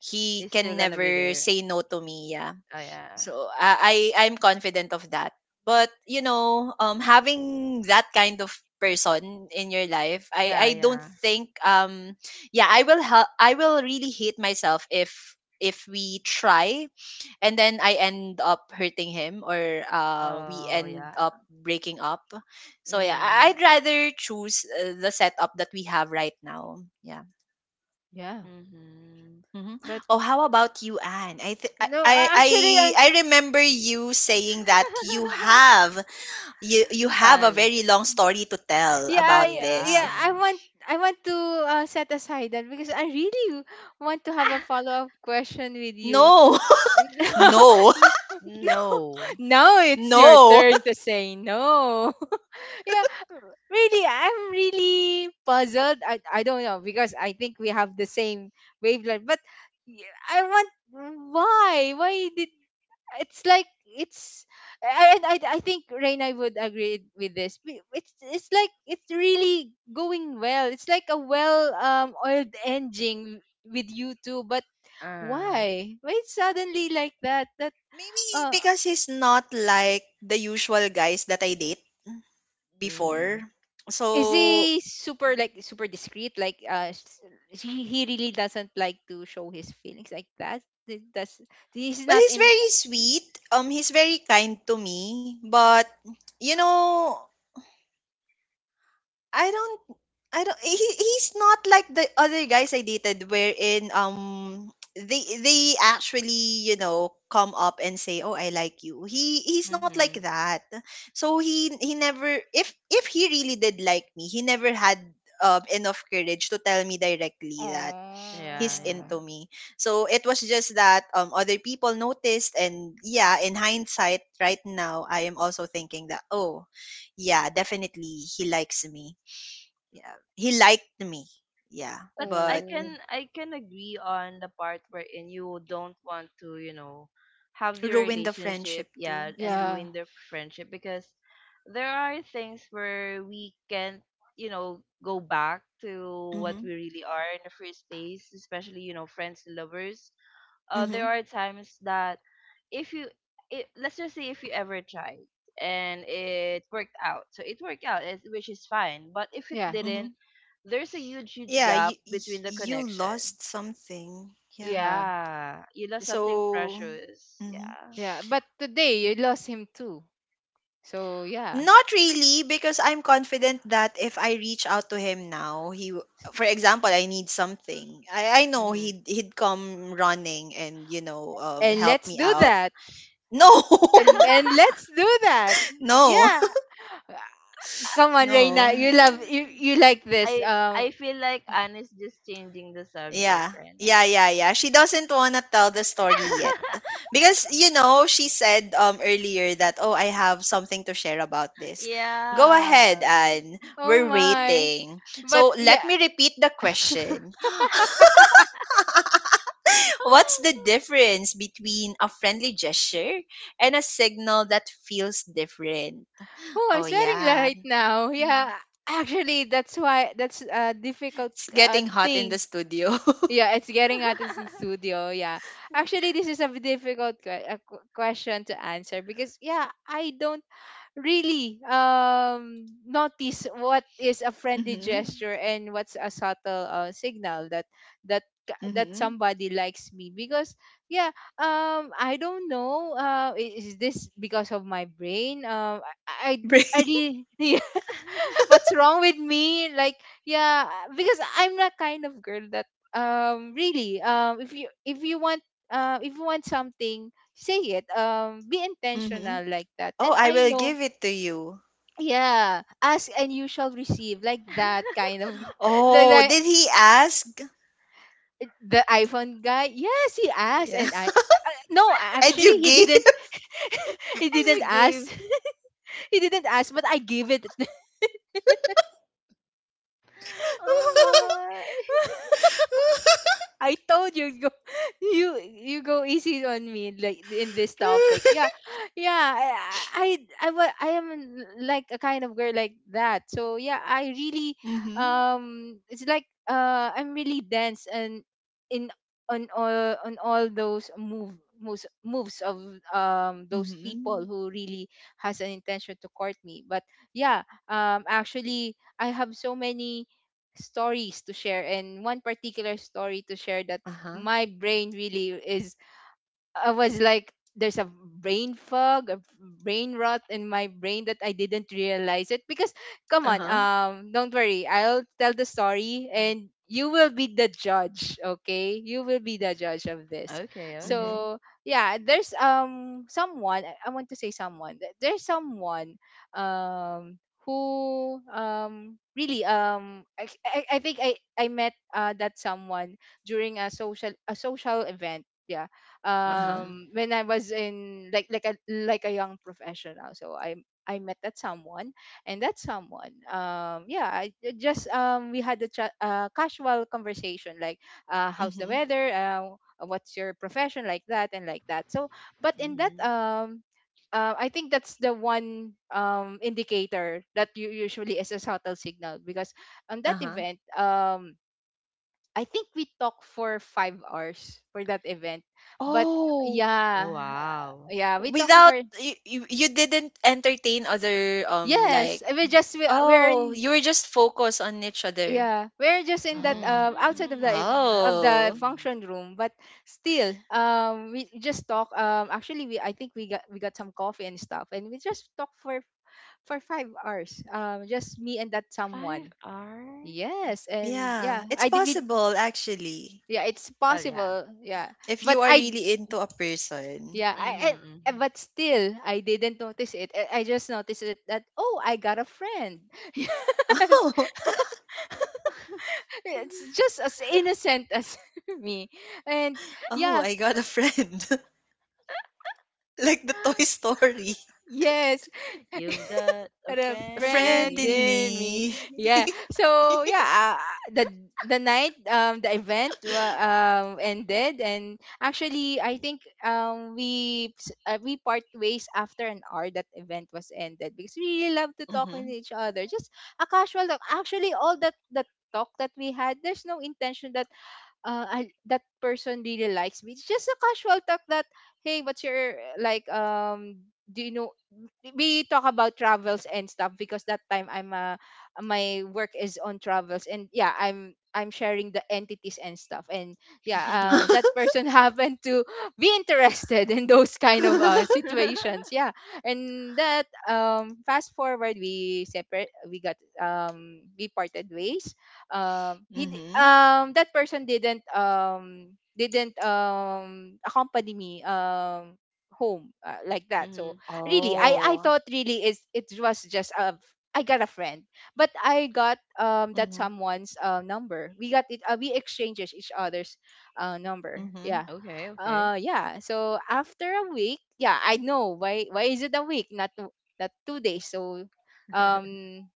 [SPEAKER 1] he
[SPEAKER 2] He's still
[SPEAKER 1] can
[SPEAKER 2] gonna be
[SPEAKER 1] never
[SPEAKER 2] there.
[SPEAKER 1] say no to me. Yeah.
[SPEAKER 2] Oh yeah.
[SPEAKER 1] So I'm confident of that. But, you know, having that kind of person in your life, I
[SPEAKER 2] Yeah,
[SPEAKER 1] I don't
[SPEAKER 2] yeah.
[SPEAKER 1] think, yeah, I will really hate myself if we try and then I end up hurting him, or we
[SPEAKER 2] Oh
[SPEAKER 1] end
[SPEAKER 2] yeah.
[SPEAKER 1] up breaking up. So yeah, I-
[SPEAKER 2] Mm-hmm.
[SPEAKER 1] I'd rather choose, the setup that we have right now. Yeah.
[SPEAKER 3] Yeah.
[SPEAKER 2] Mm-hmm.
[SPEAKER 1] Mhm.
[SPEAKER 3] But
[SPEAKER 1] Oh, how about you, Anne? I, th-
[SPEAKER 3] no, I- actually I,
[SPEAKER 1] I remember you saying that you have, you have a
[SPEAKER 2] Tons.
[SPEAKER 1] very long story to tell
[SPEAKER 3] Yeah,
[SPEAKER 1] about this.
[SPEAKER 3] yeah,
[SPEAKER 2] Yeah.
[SPEAKER 3] I want to, set aside that because I really want to have a follow-up question with you.
[SPEAKER 1] No,
[SPEAKER 3] No,
[SPEAKER 1] no,
[SPEAKER 3] no,
[SPEAKER 2] No.
[SPEAKER 3] now it's your
[SPEAKER 1] no.
[SPEAKER 3] turn to say no. Yeah, really, I'm really puzzled. I don't know because I think we have the same wavelength, but y- why did, it's like, it's, I, I think Reina would agree with this. It's like it's really going well. It's like a well oiled engine with you two. But
[SPEAKER 2] Uh,
[SPEAKER 3] why? Why it's suddenly like that? That
[SPEAKER 1] Maybe
[SPEAKER 3] uh
[SPEAKER 1] because he's not like the usual guys that I date
[SPEAKER 2] mm-hmm.
[SPEAKER 1] before.
[SPEAKER 3] is
[SPEAKER 1] So,
[SPEAKER 3] he super,
[SPEAKER 1] well,
[SPEAKER 3] like super discreet? Like, he really doesn't like to show his feelings like that. That's he's not
[SPEAKER 1] he's
[SPEAKER 3] in.
[SPEAKER 1] very sweet. He's very kind to me, but you know, I don't I don't he, he's not like the other guys I dated wherein they actually, come up and say, "Oh, I like you." He's not like
[SPEAKER 2] Mm-hmm.
[SPEAKER 1] that. So he never, if he really did like me, he never had enough courage to tell me directly that he's
[SPEAKER 2] Yeah, yeah.
[SPEAKER 1] into
[SPEAKER 3] Oh,
[SPEAKER 1] me. So it was just that other people noticed, and yeah, in hindsight right now I am also thinking that, "Oh, yeah, definitely he likes me." Yeah. He liked me. Yeah.
[SPEAKER 2] But I
[SPEAKER 1] But
[SPEAKER 3] oh,
[SPEAKER 2] can I can agree on the part wherein you don't want to, have the
[SPEAKER 1] ruined the
[SPEAKER 2] relationship,
[SPEAKER 1] friendship
[SPEAKER 2] yeah,
[SPEAKER 1] too.
[SPEAKER 2] and
[SPEAKER 1] Yeah.
[SPEAKER 3] yeah,
[SPEAKER 2] ruin their friendship because there are things where we can, go back to what
[SPEAKER 1] Mhm.
[SPEAKER 2] we really are in the first place, especially, you know, friends and lovers. There
[SPEAKER 1] Mhm.
[SPEAKER 2] are times that if you it, let's just say if you ever tried and it worked out, which is fine, but if it
[SPEAKER 3] yeah,
[SPEAKER 2] didn't,
[SPEAKER 1] Mhm.
[SPEAKER 2] there's a huge
[SPEAKER 1] Yeah,
[SPEAKER 2] gap
[SPEAKER 1] you
[SPEAKER 2] between the
[SPEAKER 1] you
[SPEAKER 2] connection.
[SPEAKER 1] lost something. Yeah.
[SPEAKER 3] yeah,
[SPEAKER 2] Yeah, you lost something
[SPEAKER 1] So
[SPEAKER 2] precious.
[SPEAKER 1] mhm.
[SPEAKER 2] Yeah.
[SPEAKER 3] yeah. But today you lost him too. So yeah,
[SPEAKER 1] Not really, because I'm confident that if I reach out to him now, for example, I need something. I know
[SPEAKER 2] Mm-hmm.
[SPEAKER 1] he'd, he'd come running and
[SPEAKER 3] and
[SPEAKER 1] help
[SPEAKER 3] let's
[SPEAKER 1] me
[SPEAKER 3] do
[SPEAKER 1] out.
[SPEAKER 3] that.
[SPEAKER 1] No.
[SPEAKER 3] And let's do that.
[SPEAKER 1] No.
[SPEAKER 3] Yeah. Come on, Reina.
[SPEAKER 1] No.
[SPEAKER 3] You love, you like this.
[SPEAKER 2] i I feel like Anne is just changing the subject
[SPEAKER 1] Yeah.
[SPEAKER 2] right
[SPEAKER 1] Yeah,
[SPEAKER 2] now.
[SPEAKER 1] yeah, yeah. She doesn't want to tell the story yet. Because, she said earlier that, "Oh, I have something to share about this." Go
[SPEAKER 2] Yeah.
[SPEAKER 1] ahead, Anne.
[SPEAKER 3] Oh
[SPEAKER 1] We're
[SPEAKER 3] my.
[SPEAKER 1] waiting.
[SPEAKER 3] But
[SPEAKER 1] So,
[SPEAKER 3] yeah,
[SPEAKER 1] let me repeat the question. What's the difference between a friendly gesture and a signal that feels different?
[SPEAKER 3] Oh, I'm
[SPEAKER 1] Oh,
[SPEAKER 3] sweating
[SPEAKER 1] yeah.
[SPEAKER 3] right now. Yeah, actually, that's why that's a difficult
[SPEAKER 1] It's getting hot in
[SPEAKER 3] thing.
[SPEAKER 1] the studio.
[SPEAKER 3] Yeah, it's getting out of the studio. Yeah, actually, this is a difficult question to answer because yeah, I don't really notice what is a friendly
[SPEAKER 1] mhm.
[SPEAKER 3] gesture and what's a subtle, signal that that
[SPEAKER 1] Mhm.
[SPEAKER 3] somebody likes me. Because yeah, I don't know, is this because of my brain? I I really what's wrong with me, like yeah, because I'm that kind of girl that really, if you, if you want something, say it, be
[SPEAKER 1] Mhm.
[SPEAKER 3] intentional like that.
[SPEAKER 1] Oh,
[SPEAKER 3] And
[SPEAKER 1] I
[SPEAKER 3] I
[SPEAKER 1] will
[SPEAKER 3] know,
[SPEAKER 1] give it to you.
[SPEAKER 3] yeah, ask and you shall receive, like that kind of the
[SPEAKER 1] Oh,
[SPEAKER 3] guy,
[SPEAKER 1] did he ask?
[SPEAKER 3] the iPhone guy. Yes, he asked,
[SPEAKER 1] Yeah.
[SPEAKER 3] and I, no,
[SPEAKER 1] And you
[SPEAKER 3] actually he
[SPEAKER 1] gave?
[SPEAKER 3] didn't. he
[SPEAKER 2] And
[SPEAKER 3] didn't
[SPEAKER 2] you
[SPEAKER 3] ask.
[SPEAKER 2] gave.
[SPEAKER 3] he didn't ask, but I gave it.
[SPEAKER 2] Oh my.
[SPEAKER 3] I told you, go you go easy on me like in this topic. Yeah. Yeah, I I am like a kind of girl like that. So yeah, I really
[SPEAKER 1] mhm.
[SPEAKER 3] it's like, I'm really dense and in, on all, on all those moves of those people
[SPEAKER 1] Mhm.
[SPEAKER 3] who really has an intention to court me. But yeah, actually I have so many stories to share, and one particular story to share that
[SPEAKER 1] Uh-huh.
[SPEAKER 3] my brain really is, I was like, there's a brain fog, a brain rot in my brain that I didn't realize it. Because come on,
[SPEAKER 1] Uh-huh.
[SPEAKER 3] don't worry, I'll tell the story and you will be the judge, okay? You will be the judge of this.
[SPEAKER 2] Okay, okay.
[SPEAKER 1] Mhm.
[SPEAKER 3] So yeah, there's someone, I want to say someone. There's someone um who really, I think I met, that someone during a social event. Yeah,
[SPEAKER 1] Uh-huh.
[SPEAKER 2] Mhm.
[SPEAKER 3] when I was in, like a young professional. So I met that someone, and that someone, yeah, I just we had a casual conversation like, how's the
[SPEAKER 1] Mhm.
[SPEAKER 3] weather, what's your profession, like that and like that. So, but in that
[SPEAKER 2] Mhm.
[SPEAKER 3] I think that's the one indicator that you usually is a subtle signal. Because on that
[SPEAKER 1] Uh-huh.
[SPEAKER 3] event, I think we talked for 5 hours for that event. But
[SPEAKER 1] Oh,
[SPEAKER 3] yeah,
[SPEAKER 2] Oh wow.
[SPEAKER 3] yeah, we talked
[SPEAKER 1] without
[SPEAKER 3] for,
[SPEAKER 1] you didn't entertain other like
[SPEAKER 3] yes, we just, we're
[SPEAKER 1] oh,
[SPEAKER 3] in,
[SPEAKER 1] you were just focused on each other.
[SPEAKER 3] yeah, we're just in that,
[SPEAKER 2] Mm.
[SPEAKER 1] Oh.
[SPEAKER 3] outside of the of the
[SPEAKER 1] Oh.
[SPEAKER 3] function room. But still, we just talk. Actually, we I think we got some coffee and stuff, and we just talked for 5 hours. Um, just me and that
[SPEAKER 2] Five
[SPEAKER 3] someone.
[SPEAKER 2] hours?
[SPEAKER 3] Yes, and
[SPEAKER 1] Yeah,
[SPEAKER 3] yeah,
[SPEAKER 1] it's
[SPEAKER 3] I did. We,
[SPEAKER 1] possible actually
[SPEAKER 3] yeah, it's
[SPEAKER 2] Well, yeah.
[SPEAKER 3] possible. Yeah,
[SPEAKER 1] if
[SPEAKER 3] but
[SPEAKER 1] you are
[SPEAKER 3] I
[SPEAKER 1] really into a person.
[SPEAKER 3] Yeah,
[SPEAKER 2] Mhm,
[SPEAKER 3] I
[SPEAKER 2] mhm.
[SPEAKER 3] but still I didn't notice it. I just noticed it that oh, I got a friend. yes,
[SPEAKER 1] Oh.
[SPEAKER 3] it's just as innocent as me. And
[SPEAKER 1] Oh,
[SPEAKER 3] yeah,
[SPEAKER 1] I got a friend. like the Toy Story.
[SPEAKER 3] Yes.
[SPEAKER 2] You've got a
[SPEAKER 3] the
[SPEAKER 1] The
[SPEAKER 2] friend in
[SPEAKER 1] friend
[SPEAKER 3] friend
[SPEAKER 1] in
[SPEAKER 2] me.
[SPEAKER 3] in me.
[SPEAKER 1] me.
[SPEAKER 3] Yeah. So yeah, the the night, the event ended, and actually I think we we part ways after an hour that event was ended because we really love to talk with
[SPEAKER 1] Mm-hmm.
[SPEAKER 3] each other. Just a casual talk. Actually all that that talk that we had, there's no intention that that person really likes me. It's just a casual talk that, hey, what's your like, do you know, we talk about travels and stuff because that time I'm, my work is on travels and yeah, I'm sharing the entities and stuff, and yeah,
[SPEAKER 2] Mhm.
[SPEAKER 3] that person happened to be interested in those kind of, situations. Yeah. And that, fast forward, we separate, we parted ways,
[SPEAKER 1] mm-hmm.
[SPEAKER 3] that person didn't, accompany me home, like that. So really,
[SPEAKER 2] Mhm.
[SPEAKER 3] I
[SPEAKER 1] Oh.
[SPEAKER 3] thought really, is, it was just a I got a friend. But I got, that
[SPEAKER 1] Mm-hmm.
[SPEAKER 3] someone's, number. We got it We exchanges each other's, number.
[SPEAKER 1] Mm-hmm.
[SPEAKER 3] Yeah,
[SPEAKER 2] Okay. Okay.
[SPEAKER 3] yeah, so after a week, yeah, I know why is it a week, not two, not 2 days. So um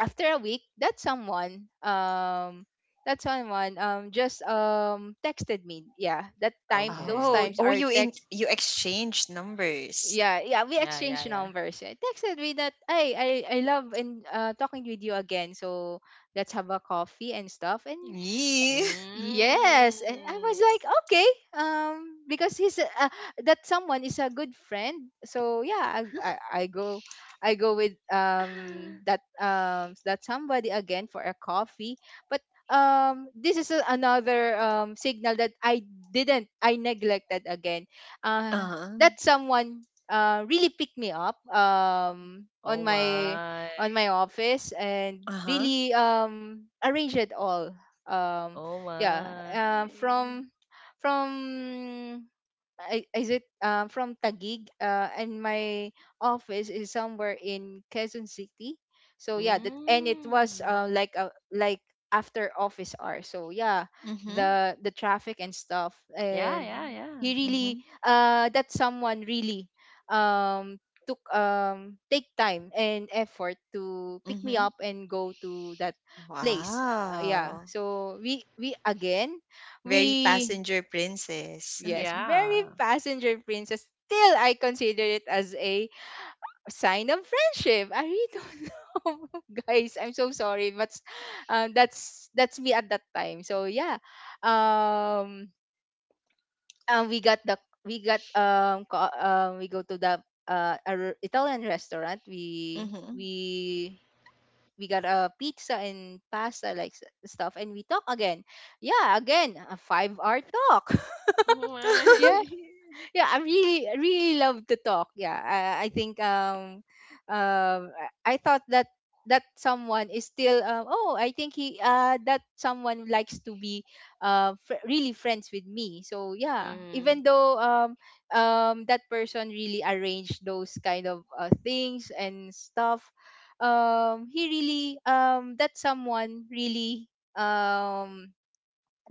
[SPEAKER 3] after a week, that someone, just, texted me. Yeah, that time, those
[SPEAKER 1] Oh,
[SPEAKER 3] times
[SPEAKER 2] Okay.
[SPEAKER 3] are text.
[SPEAKER 1] you exchanged numbers.
[SPEAKER 3] Yeah, yeah, we
[SPEAKER 2] Yeah. Yeah.
[SPEAKER 3] exchanged
[SPEAKER 2] Yeah.
[SPEAKER 3] numbers. Eh, texted me that hey, I love, and talking with you again, so let's have a coffee and stuff. And
[SPEAKER 1] Yeah.
[SPEAKER 3] yes, and I was
[SPEAKER 2] Mm.
[SPEAKER 3] like, okay, because that someone is a good friend. So yeah, I go, with that somebody again for a coffee. But this is a, another, signal that I didn't I neglected again. Uh,
[SPEAKER 1] Uh-huh.
[SPEAKER 3] that someone really picked me up
[SPEAKER 2] Oh my.
[SPEAKER 3] on my office, and
[SPEAKER 1] Uh-huh.
[SPEAKER 3] really, arranged it all. um
[SPEAKER 2] Oh
[SPEAKER 3] yeah,
[SPEAKER 2] my.
[SPEAKER 3] from, from I- is it, from Taguig? And my office is somewhere in Quezon City. So yeah, that, and it was,
[SPEAKER 2] Mm.
[SPEAKER 3] like after office hour. So yeah,
[SPEAKER 1] Mm-hmm.
[SPEAKER 3] the, traffic and stuff,
[SPEAKER 2] Yeah, yeah,
[SPEAKER 3] and
[SPEAKER 2] yeah.
[SPEAKER 3] he really,
[SPEAKER 1] Mm-hmm.
[SPEAKER 3] that someone really, um took take time and effort to pick me
[SPEAKER 1] Mm-hmm.
[SPEAKER 3] up and go to that place. Yeah,
[SPEAKER 1] Wow.
[SPEAKER 3] so we again
[SPEAKER 1] Very
[SPEAKER 3] we
[SPEAKER 1] passenger princess.
[SPEAKER 3] yes, very
[SPEAKER 2] Yeah.
[SPEAKER 3] passenger princess. Still, I consider it as a sign of friendship. I really don't know, guys. I'm so sorry, but that's me at that time. So yeah, um, and we got, we go to the, Italian restaurant.
[SPEAKER 1] Mm-hmm.
[SPEAKER 3] We got a pizza and pasta, like stuff, and we talk again. Yeah, again, a 5 hour talk.
[SPEAKER 2] Why?
[SPEAKER 3] yeah, I really, I really love to talk. Yeah, I think, I thought that, that someone is still, oh, I think he that someone likes to be, really friends with me. So yeah,
[SPEAKER 2] Mm.
[SPEAKER 3] even though that person really arranged those kind of things and stuff. Um he really that someone really um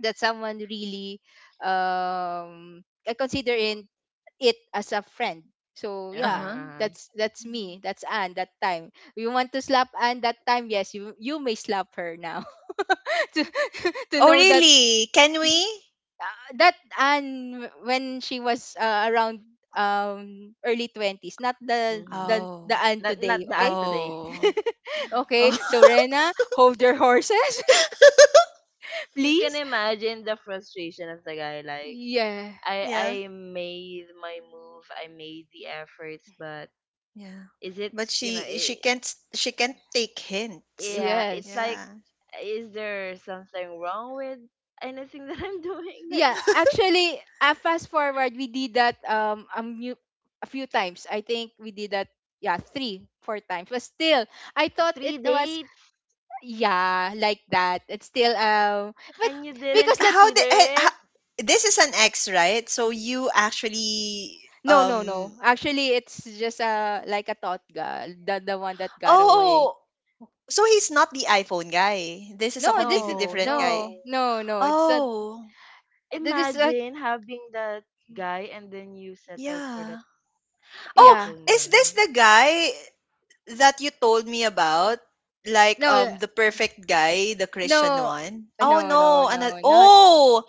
[SPEAKER 3] that someone really I consider in it as a friend. So
[SPEAKER 2] Uh-huh,
[SPEAKER 3] yeah,
[SPEAKER 1] uh-huh.
[SPEAKER 2] uh-huh.
[SPEAKER 3] that's me. That's Anne that time. You want to slap Anne that time? Yes, you may slap her now. to to
[SPEAKER 1] Oh,
[SPEAKER 3] know that
[SPEAKER 1] really? Can we?
[SPEAKER 3] that Anne when she was around early 20s, not the
[SPEAKER 2] Mm-hmm.
[SPEAKER 3] the the
[SPEAKER 1] Oh.
[SPEAKER 3] Anne
[SPEAKER 2] Not
[SPEAKER 3] today,
[SPEAKER 2] not
[SPEAKER 3] okay?
[SPEAKER 2] the today.
[SPEAKER 1] Oh. Oh,
[SPEAKER 3] Okay, so Rena, hold your horses.
[SPEAKER 2] You can
[SPEAKER 3] Please.
[SPEAKER 2] imagine the frustration of the guy, like,
[SPEAKER 3] Yeah,
[SPEAKER 2] I
[SPEAKER 1] yeah,
[SPEAKER 2] I made my move, I made the efforts, but
[SPEAKER 1] yeah.
[SPEAKER 2] is it,
[SPEAKER 1] But
[SPEAKER 2] you know,
[SPEAKER 1] she
[SPEAKER 2] it,
[SPEAKER 1] can't, she can't take hints.
[SPEAKER 2] yeah, it's
[SPEAKER 3] yes.
[SPEAKER 2] like,
[SPEAKER 1] Yeah.
[SPEAKER 2] is there something wrong with anything that I'm doing? Like
[SPEAKER 3] Yeah, actually, fast forward, we did that a few times. I think we did that, yeah, three four times. But still, I thought it
[SPEAKER 2] three
[SPEAKER 3] was,
[SPEAKER 2] dates
[SPEAKER 3] yeah, like that. It's still but
[SPEAKER 2] and you
[SPEAKER 1] But
[SPEAKER 2] didn't
[SPEAKER 3] because that
[SPEAKER 1] how
[SPEAKER 2] consider
[SPEAKER 1] did eh, ho-
[SPEAKER 2] it?
[SPEAKER 1] This is an ex, right? So you actually
[SPEAKER 3] no, no, no.
[SPEAKER 1] um
[SPEAKER 3] Actually, it's just like a thought girl, the one that got away.
[SPEAKER 1] oh, so he's not the iPhone guy. This is a
[SPEAKER 3] No,
[SPEAKER 1] completely
[SPEAKER 2] No,
[SPEAKER 1] different
[SPEAKER 3] no,
[SPEAKER 1] guy.
[SPEAKER 2] no.
[SPEAKER 3] no, no. It's a
[SPEAKER 1] Oh,
[SPEAKER 3] this is a
[SPEAKER 2] Imagine having that guy and then you settled for that
[SPEAKER 1] yeah. Oh,
[SPEAKER 3] Yeah.
[SPEAKER 2] iPhone
[SPEAKER 1] is this
[SPEAKER 2] guy.
[SPEAKER 1] the guy that you told me about? Like
[SPEAKER 3] no
[SPEAKER 1] the perfect guy, the
[SPEAKER 3] no
[SPEAKER 1] Christian one?
[SPEAKER 3] no
[SPEAKER 1] Oh
[SPEAKER 3] no
[SPEAKER 1] no,
[SPEAKER 3] no
[SPEAKER 1] another
[SPEAKER 3] not
[SPEAKER 1] oh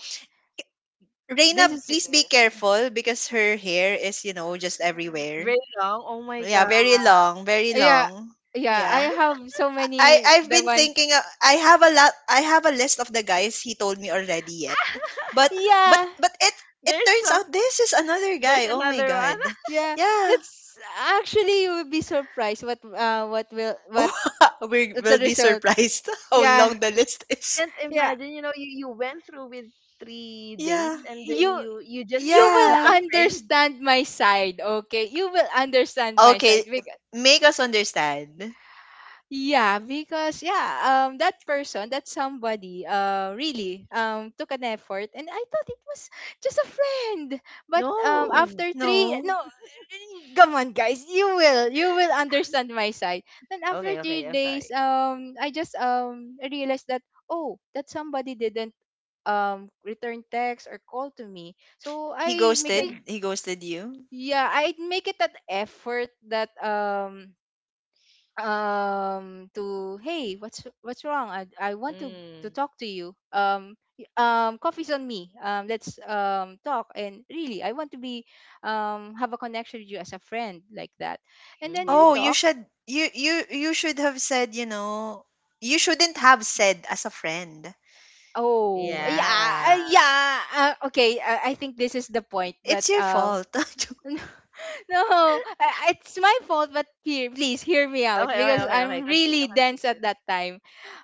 [SPEAKER 3] this
[SPEAKER 1] Reina,
[SPEAKER 3] is.
[SPEAKER 1] please be careful because her hair is, you know, just everywhere.
[SPEAKER 2] Very long. Oh my
[SPEAKER 1] Yeah,
[SPEAKER 2] god.
[SPEAKER 1] very long, very
[SPEAKER 3] yeah
[SPEAKER 1] long.
[SPEAKER 3] yeah. I
[SPEAKER 1] Yeah.
[SPEAKER 3] have so many.
[SPEAKER 1] I've
[SPEAKER 3] The
[SPEAKER 1] been
[SPEAKER 3] one,
[SPEAKER 1] thinking, I have a lot, I have a list of the guys he told me already yet. But but
[SPEAKER 3] yeah,
[SPEAKER 1] but it
[SPEAKER 2] There's
[SPEAKER 1] turns
[SPEAKER 2] some
[SPEAKER 1] out this is another
[SPEAKER 2] there's
[SPEAKER 1] guy. Oh my
[SPEAKER 2] another one.
[SPEAKER 1] god.
[SPEAKER 3] yeah.
[SPEAKER 1] Yeah.
[SPEAKER 3] That's actually you will be surprised what will what
[SPEAKER 1] We
[SPEAKER 3] the
[SPEAKER 1] will be
[SPEAKER 3] result.
[SPEAKER 1] surprised how
[SPEAKER 3] Yeah,
[SPEAKER 1] long the list is.
[SPEAKER 2] Can't
[SPEAKER 3] yeah.
[SPEAKER 2] imagine, you know, you went through with three dates
[SPEAKER 1] Yeah.
[SPEAKER 2] and then
[SPEAKER 3] you
[SPEAKER 2] you just
[SPEAKER 3] you
[SPEAKER 2] thought
[SPEAKER 3] will
[SPEAKER 2] he's a
[SPEAKER 1] Yeah.
[SPEAKER 2] friend.
[SPEAKER 3] understand my side, okay? You will understand my side,
[SPEAKER 1] Okay,
[SPEAKER 3] because
[SPEAKER 1] make us understand.
[SPEAKER 3] yeah. Because, yeah, that person, that somebody, really took an effort, and I thought it was just a friend. But
[SPEAKER 2] No.
[SPEAKER 3] after three,
[SPEAKER 1] No.
[SPEAKER 3] no, eh, come on, guys, you will understand my side. Then after
[SPEAKER 2] Okay, okay,
[SPEAKER 3] three
[SPEAKER 2] I'm
[SPEAKER 3] days,
[SPEAKER 2] sorry.
[SPEAKER 3] I just realized that, oh, that somebody didn't return text or call to me. So
[SPEAKER 1] He
[SPEAKER 3] I make a,
[SPEAKER 2] Big
[SPEAKER 1] ghosted. He ghosted you.
[SPEAKER 3] yeah, I make it that effort that to, hey, what's wrong? I want to
[SPEAKER 2] mm,
[SPEAKER 3] talk to you, coffee's on me. Let's talk, and really I want to be have a connection with you as a friend, like that. And then you
[SPEAKER 2] mm-hmm.
[SPEAKER 1] Oh, you
[SPEAKER 3] talk.
[SPEAKER 1] should, you should have said, you shouldn't have said as a friend.
[SPEAKER 3] Oh, yeah.
[SPEAKER 1] Yeah.
[SPEAKER 2] Yeah.
[SPEAKER 3] Yeah, okay. I think this is the point that
[SPEAKER 1] It's your fault.
[SPEAKER 3] no, no, it's my fault, but here, please hear me out,
[SPEAKER 2] Okay, okay,
[SPEAKER 3] because
[SPEAKER 2] okay, okay.
[SPEAKER 3] I'm
[SPEAKER 2] Continue,
[SPEAKER 3] really dense at
[SPEAKER 2] continue.
[SPEAKER 3] that time.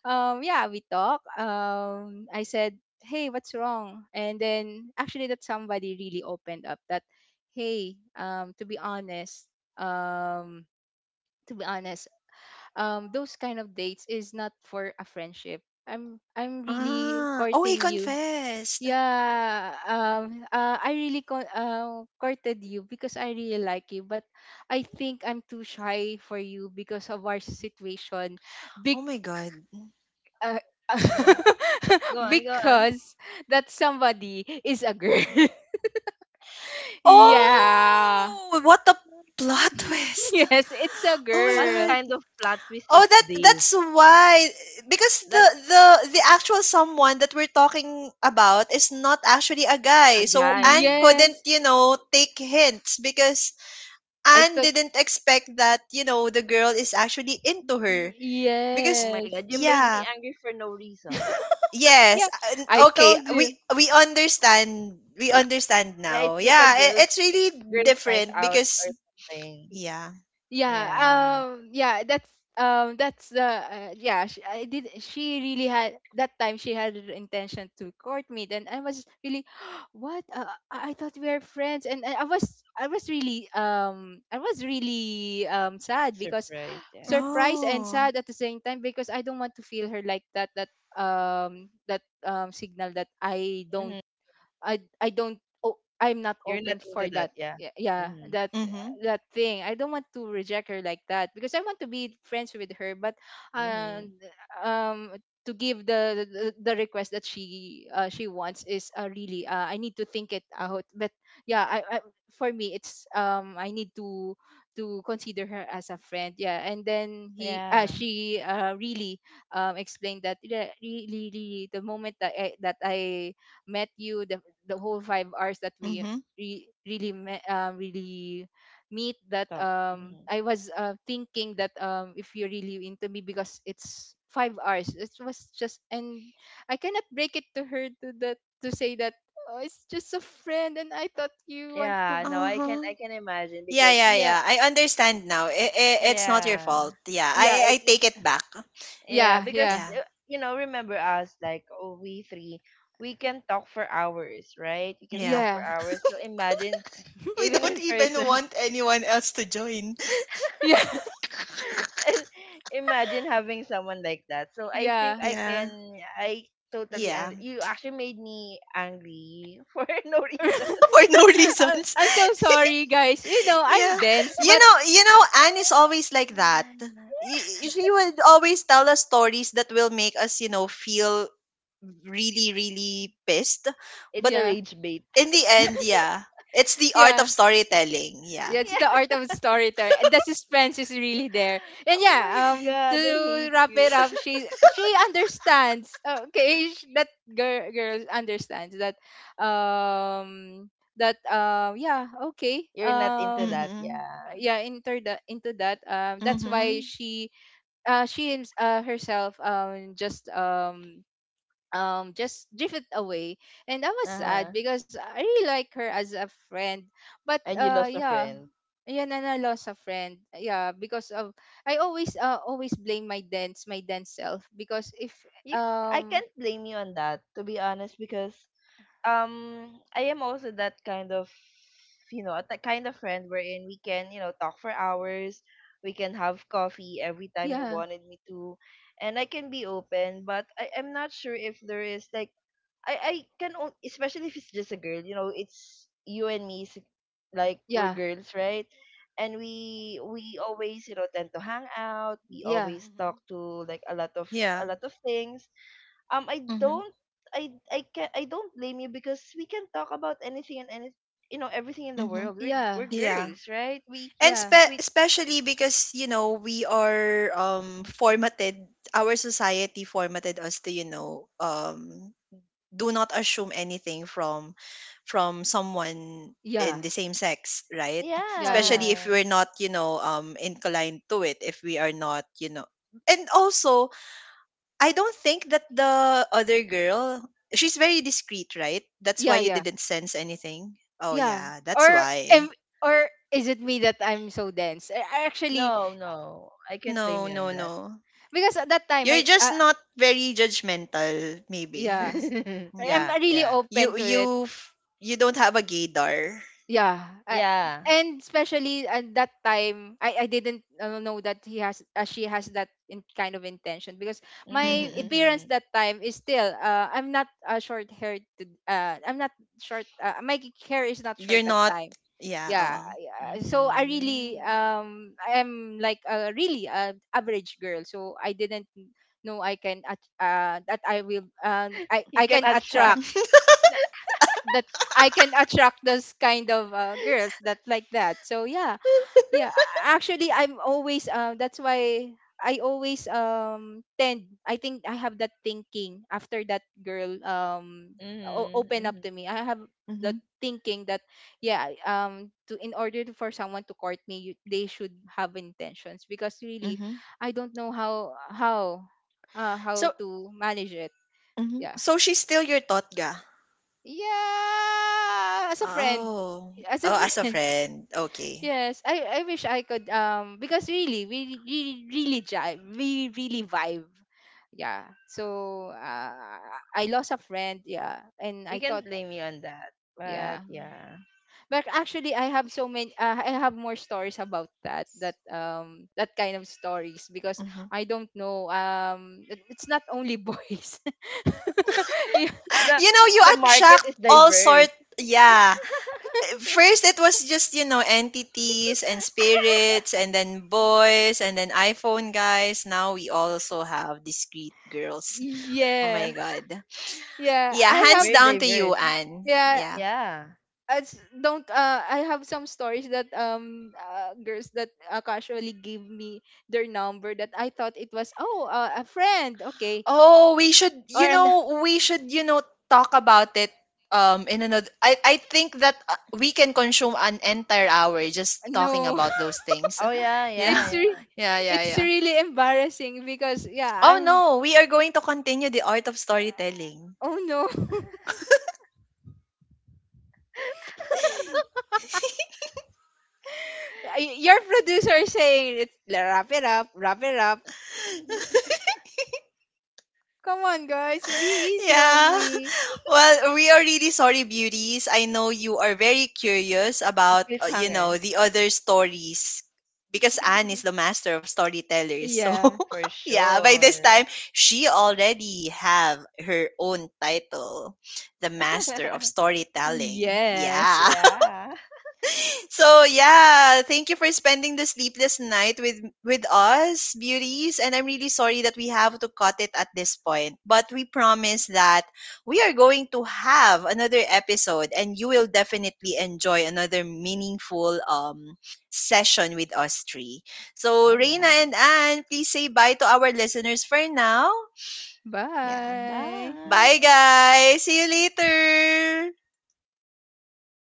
[SPEAKER 3] Yeah, we talk. I said, "Hey, what's wrong?" And then actually, that somebody really opened up. That, hey, to be honest, um, to be honest, those kind of dates is not for a friendship. I'm really
[SPEAKER 1] Ah. Oh, he
[SPEAKER 3] courting you.
[SPEAKER 1] confessed.
[SPEAKER 3] Yeah, I really courted you because I really like you, but I think I'm too shy for you because of our situation. Big,
[SPEAKER 1] Oh my god.
[SPEAKER 3] uh,
[SPEAKER 2] Mm-hmm. Go on, go on.
[SPEAKER 3] because that somebody is a girl. Yeah.
[SPEAKER 1] Oh, what a plot twist.
[SPEAKER 3] Yes, it's a
[SPEAKER 1] Oh my
[SPEAKER 2] What
[SPEAKER 3] girl.
[SPEAKER 1] god.
[SPEAKER 2] kind of plot twist
[SPEAKER 1] Oh,
[SPEAKER 2] is
[SPEAKER 1] that,
[SPEAKER 2] this?
[SPEAKER 1] that's why. Because the the actual someone that we're talking about is not actually a guy.
[SPEAKER 2] A
[SPEAKER 1] So Anne
[SPEAKER 2] guy.
[SPEAKER 1] couldn't,
[SPEAKER 3] Yes.
[SPEAKER 1] you know, take hints because
[SPEAKER 3] I
[SPEAKER 1] Anne
[SPEAKER 3] thought,
[SPEAKER 1] didn't expect that, you know, the girl is actually into her because
[SPEAKER 2] Oh my
[SPEAKER 3] yes.
[SPEAKER 2] god, you made me
[SPEAKER 1] yeah,
[SPEAKER 2] angry for no reason.
[SPEAKER 3] Yeah, I
[SPEAKER 1] okay,
[SPEAKER 3] told
[SPEAKER 1] we
[SPEAKER 3] you.
[SPEAKER 1] we understand, we understand
[SPEAKER 2] Yeah,
[SPEAKER 1] now.
[SPEAKER 2] it's like a girls
[SPEAKER 1] It's really
[SPEAKER 2] girls night
[SPEAKER 1] different
[SPEAKER 2] out or
[SPEAKER 1] because
[SPEAKER 2] something.
[SPEAKER 1] yeah.
[SPEAKER 2] Yeah,
[SPEAKER 3] Yeah, that's the, yeah. she, I did She really had that time, she had the intention to court me. Then I was really, what? I thought we are friends, and I was, I was really sad because,
[SPEAKER 2] surprise. Yeah.
[SPEAKER 3] surprised and
[SPEAKER 1] Oh.
[SPEAKER 3] sad at the same time, because I don't want to feel her like that, that that signal that
[SPEAKER 2] Hmm.
[SPEAKER 3] I don't, oh, I'm not
[SPEAKER 2] You're
[SPEAKER 3] open
[SPEAKER 2] not into
[SPEAKER 3] for
[SPEAKER 2] that.
[SPEAKER 3] that.
[SPEAKER 2] Yeah.
[SPEAKER 3] Yeah, yeah,
[SPEAKER 2] Mhm.
[SPEAKER 3] that
[SPEAKER 1] Mhm.
[SPEAKER 3] that thing. I don't want to reject her like that because I want to be friends with her, but
[SPEAKER 2] Mhm.
[SPEAKER 3] um um to give the request that she, she wants is, really, I need to think it out. But yeah, I, for me, it's, I need to consider her as a friend. Yeah. And then he
[SPEAKER 2] Yeah.
[SPEAKER 3] she, really explained that, yeah, really, really, the moment that that I met you, the whole 5 hours that we
[SPEAKER 1] Mhm.
[SPEAKER 3] really met, really meet, that
[SPEAKER 2] Talk. Hmm.
[SPEAKER 3] I was, thinking that, if you're really into me, because it's 5 hours. It was just, and I cannot break it to her, to that, to say that, oh, it's just a friend, and I thought you want to.
[SPEAKER 2] Yeah. No,
[SPEAKER 1] Uh-huh.
[SPEAKER 2] I can imagine
[SPEAKER 1] Yeah,
[SPEAKER 2] because
[SPEAKER 1] yeah,
[SPEAKER 3] Yeah.
[SPEAKER 1] yeah. I understand now. It's not your
[SPEAKER 2] yeah
[SPEAKER 1] fault. Yeah,
[SPEAKER 3] yeah
[SPEAKER 1] I
[SPEAKER 3] it's
[SPEAKER 1] take it back.
[SPEAKER 2] yeah
[SPEAKER 3] yeah
[SPEAKER 2] because
[SPEAKER 3] yeah
[SPEAKER 1] Yeah.
[SPEAKER 2] you know, remember us, like, oh, we three, we can talk for hours, right? We can
[SPEAKER 1] Yeah.
[SPEAKER 2] talk for
[SPEAKER 3] yeah
[SPEAKER 2] hours. So imagine,
[SPEAKER 1] We
[SPEAKER 2] even
[SPEAKER 1] don't
[SPEAKER 2] in
[SPEAKER 1] even
[SPEAKER 2] person,
[SPEAKER 1] want anyone else to join.
[SPEAKER 3] yeah
[SPEAKER 2] and imagine having someone like that. So I think
[SPEAKER 3] yeah
[SPEAKER 2] I
[SPEAKER 1] Yeah.
[SPEAKER 2] can I totally
[SPEAKER 1] Yeah.
[SPEAKER 2] un- you actually made me angry for no reason.
[SPEAKER 1] For no reason.
[SPEAKER 3] I'm so sorry, guys, you know, I'm
[SPEAKER 1] Yeah,
[SPEAKER 3] dense,
[SPEAKER 1] you
[SPEAKER 3] but
[SPEAKER 1] know you know Anne is always like that. She would always tell us stories that will make us, you know, feel really, really pissed,
[SPEAKER 2] It's
[SPEAKER 1] but
[SPEAKER 2] a
[SPEAKER 3] yeah,
[SPEAKER 2] rage bait.
[SPEAKER 1] in the end, yeah, it's the art
[SPEAKER 3] yeah,
[SPEAKER 1] of storytelling. Yeah.
[SPEAKER 3] yeah. It's
[SPEAKER 2] Yeah.
[SPEAKER 3] the art of storytelling. And the suspense is really there. And
[SPEAKER 2] Oh
[SPEAKER 3] yeah,
[SPEAKER 2] my god, I
[SPEAKER 3] to
[SPEAKER 2] hate
[SPEAKER 3] wrap
[SPEAKER 2] you.
[SPEAKER 3] it up, she understands. Uh, okay, that girl understands that. Um, yeah, okay.
[SPEAKER 2] You're not into that,
[SPEAKER 1] Mm-hmm.
[SPEAKER 2] yeah.
[SPEAKER 3] Yeah, into that, into that. That's why
[SPEAKER 1] Mm-hmm.
[SPEAKER 3] she herself just drifted away, and I was
[SPEAKER 2] Uh-huh.
[SPEAKER 3] sad because I really like her as a friend, but
[SPEAKER 2] And you lost a
[SPEAKER 3] yeah.
[SPEAKER 2] friend.
[SPEAKER 3] Ayan, and I lost a friend. Yeah, because of, I always, always blame my dance self, because if
[SPEAKER 2] You I
[SPEAKER 3] um
[SPEAKER 2] can't blame you on that, to be honest, because I am also that kind of, you know, that kind of friend wherein we can, you know, talk for hours, we can have coffee every time you
[SPEAKER 3] yeah,
[SPEAKER 2] wanted me to, and I can be open, but I am not sure if there is like I can on- especially if it's just a girl, you know, it's you and me s- like, we're
[SPEAKER 3] yeah
[SPEAKER 2] girls, right? And we always, you know, tend to hang out, we
[SPEAKER 3] yeah
[SPEAKER 2] always talk
[SPEAKER 1] Mm-hmm.
[SPEAKER 2] to like a
[SPEAKER 1] Yeah.
[SPEAKER 2] lot of things. I
[SPEAKER 1] Mm-hmm.
[SPEAKER 2] don't I can I don't blame you because we can talk about anything and any, you know, everything in the
[SPEAKER 1] Mm-hmm.
[SPEAKER 2] world.
[SPEAKER 3] yeah
[SPEAKER 2] We're
[SPEAKER 1] Yeah.
[SPEAKER 2] girls, right?
[SPEAKER 1] And
[SPEAKER 3] yeah
[SPEAKER 2] We
[SPEAKER 1] especially because, you know, we are formatted, our society formatted us to, do not assume anything from someone in
[SPEAKER 3] yeah
[SPEAKER 1] the same sex, right?
[SPEAKER 3] yeah yeah
[SPEAKER 1] Especially if
[SPEAKER 2] yeah.
[SPEAKER 1] we're not, you know, inclined to it, if we are not, you know. And also, I don't think that the other girl, she's very discreet, right? That's why
[SPEAKER 3] yeah
[SPEAKER 1] you
[SPEAKER 3] yeah
[SPEAKER 1] didn't sense anything. Oh,
[SPEAKER 3] yeah
[SPEAKER 1] yeah, that's
[SPEAKER 3] or
[SPEAKER 1] why.
[SPEAKER 3] am, or is it me that I'm so dense? I actually,
[SPEAKER 2] No, no. I can't blame
[SPEAKER 1] No,
[SPEAKER 2] you on
[SPEAKER 1] no, no,
[SPEAKER 2] that.
[SPEAKER 3] because at that time
[SPEAKER 1] you're
[SPEAKER 3] I
[SPEAKER 1] just not very judgmental maybe.
[SPEAKER 3] yeah,
[SPEAKER 1] Yeah.
[SPEAKER 3] I'm
[SPEAKER 2] Yeah,
[SPEAKER 3] really
[SPEAKER 2] yeah.
[SPEAKER 3] open
[SPEAKER 1] you
[SPEAKER 3] to it.
[SPEAKER 1] you f- you don't have a gaydar.
[SPEAKER 3] Yeah,
[SPEAKER 2] Yeah.
[SPEAKER 3] and especially at that time, I didn't, know that he has she has that in kind of intention, because my
[SPEAKER 2] Mhm,
[SPEAKER 1] Mm-hmm.
[SPEAKER 3] appearance
[SPEAKER 2] mhm.
[SPEAKER 3] that time is still, I'm not, short haired, I'm not short my hair is not short
[SPEAKER 1] You're
[SPEAKER 3] that
[SPEAKER 1] not,
[SPEAKER 3] time.
[SPEAKER 1] yeah,
[SPEAKER 3] Yeah.
[SPEAKER 1] oo.
[SPEAKER 3] So I really
[SPEAKER 2] Mhm.
[SPEAKER 3] I'm like a really a average girl, so I didn't know I can that I will,
[SPEAKER 2] You
[SPEAKER 3] I
[SPEAKER 2] can
[SPEAKER 3] can attract
[SPEAKER 2] attract.
[SPEAKER 3] that, I can attract those kind of girls that like that. So yeah, yeah. Actually, I'm always, that's why I always tend. I think I have that thinking after that girl
[SPEAKER 2] Mhm,
[SPEAKER 3] open up
[SPEAKER 2] mhm.
[SPEAKER 3] to me. I have the
[SPEAKER 1] Mhm,
[SPEAKER 3] thinking that, yeah, to in order to, for someone to court me, they should have intentions, because really
[SPEAKER 1] mhm.
[SPEAKER 3] I don't know how, how
[SPEAKER 1] So
[SPEAKER 3] to manage it.
[SPEAKER 1] mhm.
[SPEAKER 3] Yeah.
[SPEAKER 1] So she's still your totga?
[SPEAKER 3] Yeah, as a friend,
[SPEAKER 1] Oh.
[SPEAKER 3] as a
[SPEAKER 1] Oh, as a
[SPEAKER 3] friend.
[SPEAKER 1] friend. Okay.
[SPEAKER 3] Yes, I wish I could, because really we really really jive, we really vibe. Yeah. So I lost a friend, yeah, and
[SPEAKER 2] We
[SPEAKER 3] I
[SPEAKER 2] can't
[SPEAKER 3] thought,
[SPEAKER 2] blame you on that.
[SPEAKER 3] yeah.
[SPEAKER 2] But yeah.
[SPEAKER 3] But actually I have so many, I have more stories about that that kind of stories, because
[SPEAKER 1] Mhm.
[SPEAKER 3] I don't know, it's not only boys. Yeah.
[SPEAKER 2] The
[SPEAKER 1] You know, you
[SPEAKER 2] the market
[SPEAKER 1] attract
[SPEAKER 2] is
[SPEAKER 1] all
[SPEAKER 2] diverse.
[SPEAKER 1] sort. Yeah. First it was just, you know, entities and spirits, and then boys, and then iPhone guys. Now we also have discreet girls. Oh my
[SPEAKER 3] Yeah.
[SPEAKER 1] god.
[SPEAKER 3] Yeah,
[SPEAKER 1] Yeah,
[SPEAKER 3] I have,
[SPEAKER 1] hands
[SPEAKER 2] Very
[SPEAKER 1] down to you,
[SPEAKER 2] diverse.
[SPEAKER 1] Anne.
[SPEAKER 3] yeah,
[SPEAKER 1] Yeah.
[SPEAKER 2] Yeah.
[SPEAKER 3] it's don't I have some stories that girls that, casually give me their number, that I thought it was, oh, a friend, okay,
[SPEAKER 1] Oh, we should,
[SPEAKER 3] or
[SPEAKER 1] you
[SPEAKER 3] an
[SPEAKER 1] know, we should, you know, talk about it in another, I think that we can consume an entire hour just talking
[SPEAKER 3] no.
[SPEAKER 1] about those things.
[SPEAKER 2] Oh yeah, yeah,
[SPEAKER 3] it's
[SPEAKER 1] Yeah.
[SPEAKER 2] yeah.
[SPEAKER 3] re-
[SPEAKER 1] Yeah, yeah,
[SPEAKER 3] it's
[SPEAKER 1] yeah.
[SPEAKER 3] really embarrassing, because yeah,
[SPEAKER 1] Oh
[SPEAKER 3] I'm,
[SPEAKER 1] no, we are going to continue the art of storytelling.
[SPEAKER 3] oh no. I, your producer is saying it, wrap it up, wrap it up. Come on, guys, be easy on
[SPEAKER 1] Yeah.
[SPEAKER 3] me."
[SPEAKER 1] Well, we are really sorry, beauties. I know you are very curious
[SPEAKER 2] A
[SPEAKER 1] about, you know,
[SPEAKER 2] cliffhanger
[SPEAKER 1] the other stories because Anne is the master of storytellers. So,
[SPEAKER 3] Yeah,
[SPEAKER 2] for
[SPEAKER 1] yeah, by this
[SPEAKER 2] sure.
[SPEAKER 1] time, she already have her own title, the master of storytelling.
[SPEAKER 3] yes.
[SPEAKER 1] Yeah.
[SPEAKER 2] Yeah.
[SPEAKER 1] So yeah, thank you for spending the sleepless night with us, beauties. And I'm really sorry that we have to cut it at this point, but we promise that we are going to have another episode, and you will definitely enjoy another meaningful session with us three. So
[SPEAKER 2] Oh
[SPEAKER 1] Reina
[SPEAKER 2] yeah.
[SPEAKER 1] and Anne, please say bye to our listeners for now. Yeah.
[SPEAKER 3] Bye.
[SPEAKER 1] Bye
[SPEAKER 2] Bye.
[SPEAKER 1] guys. See you later.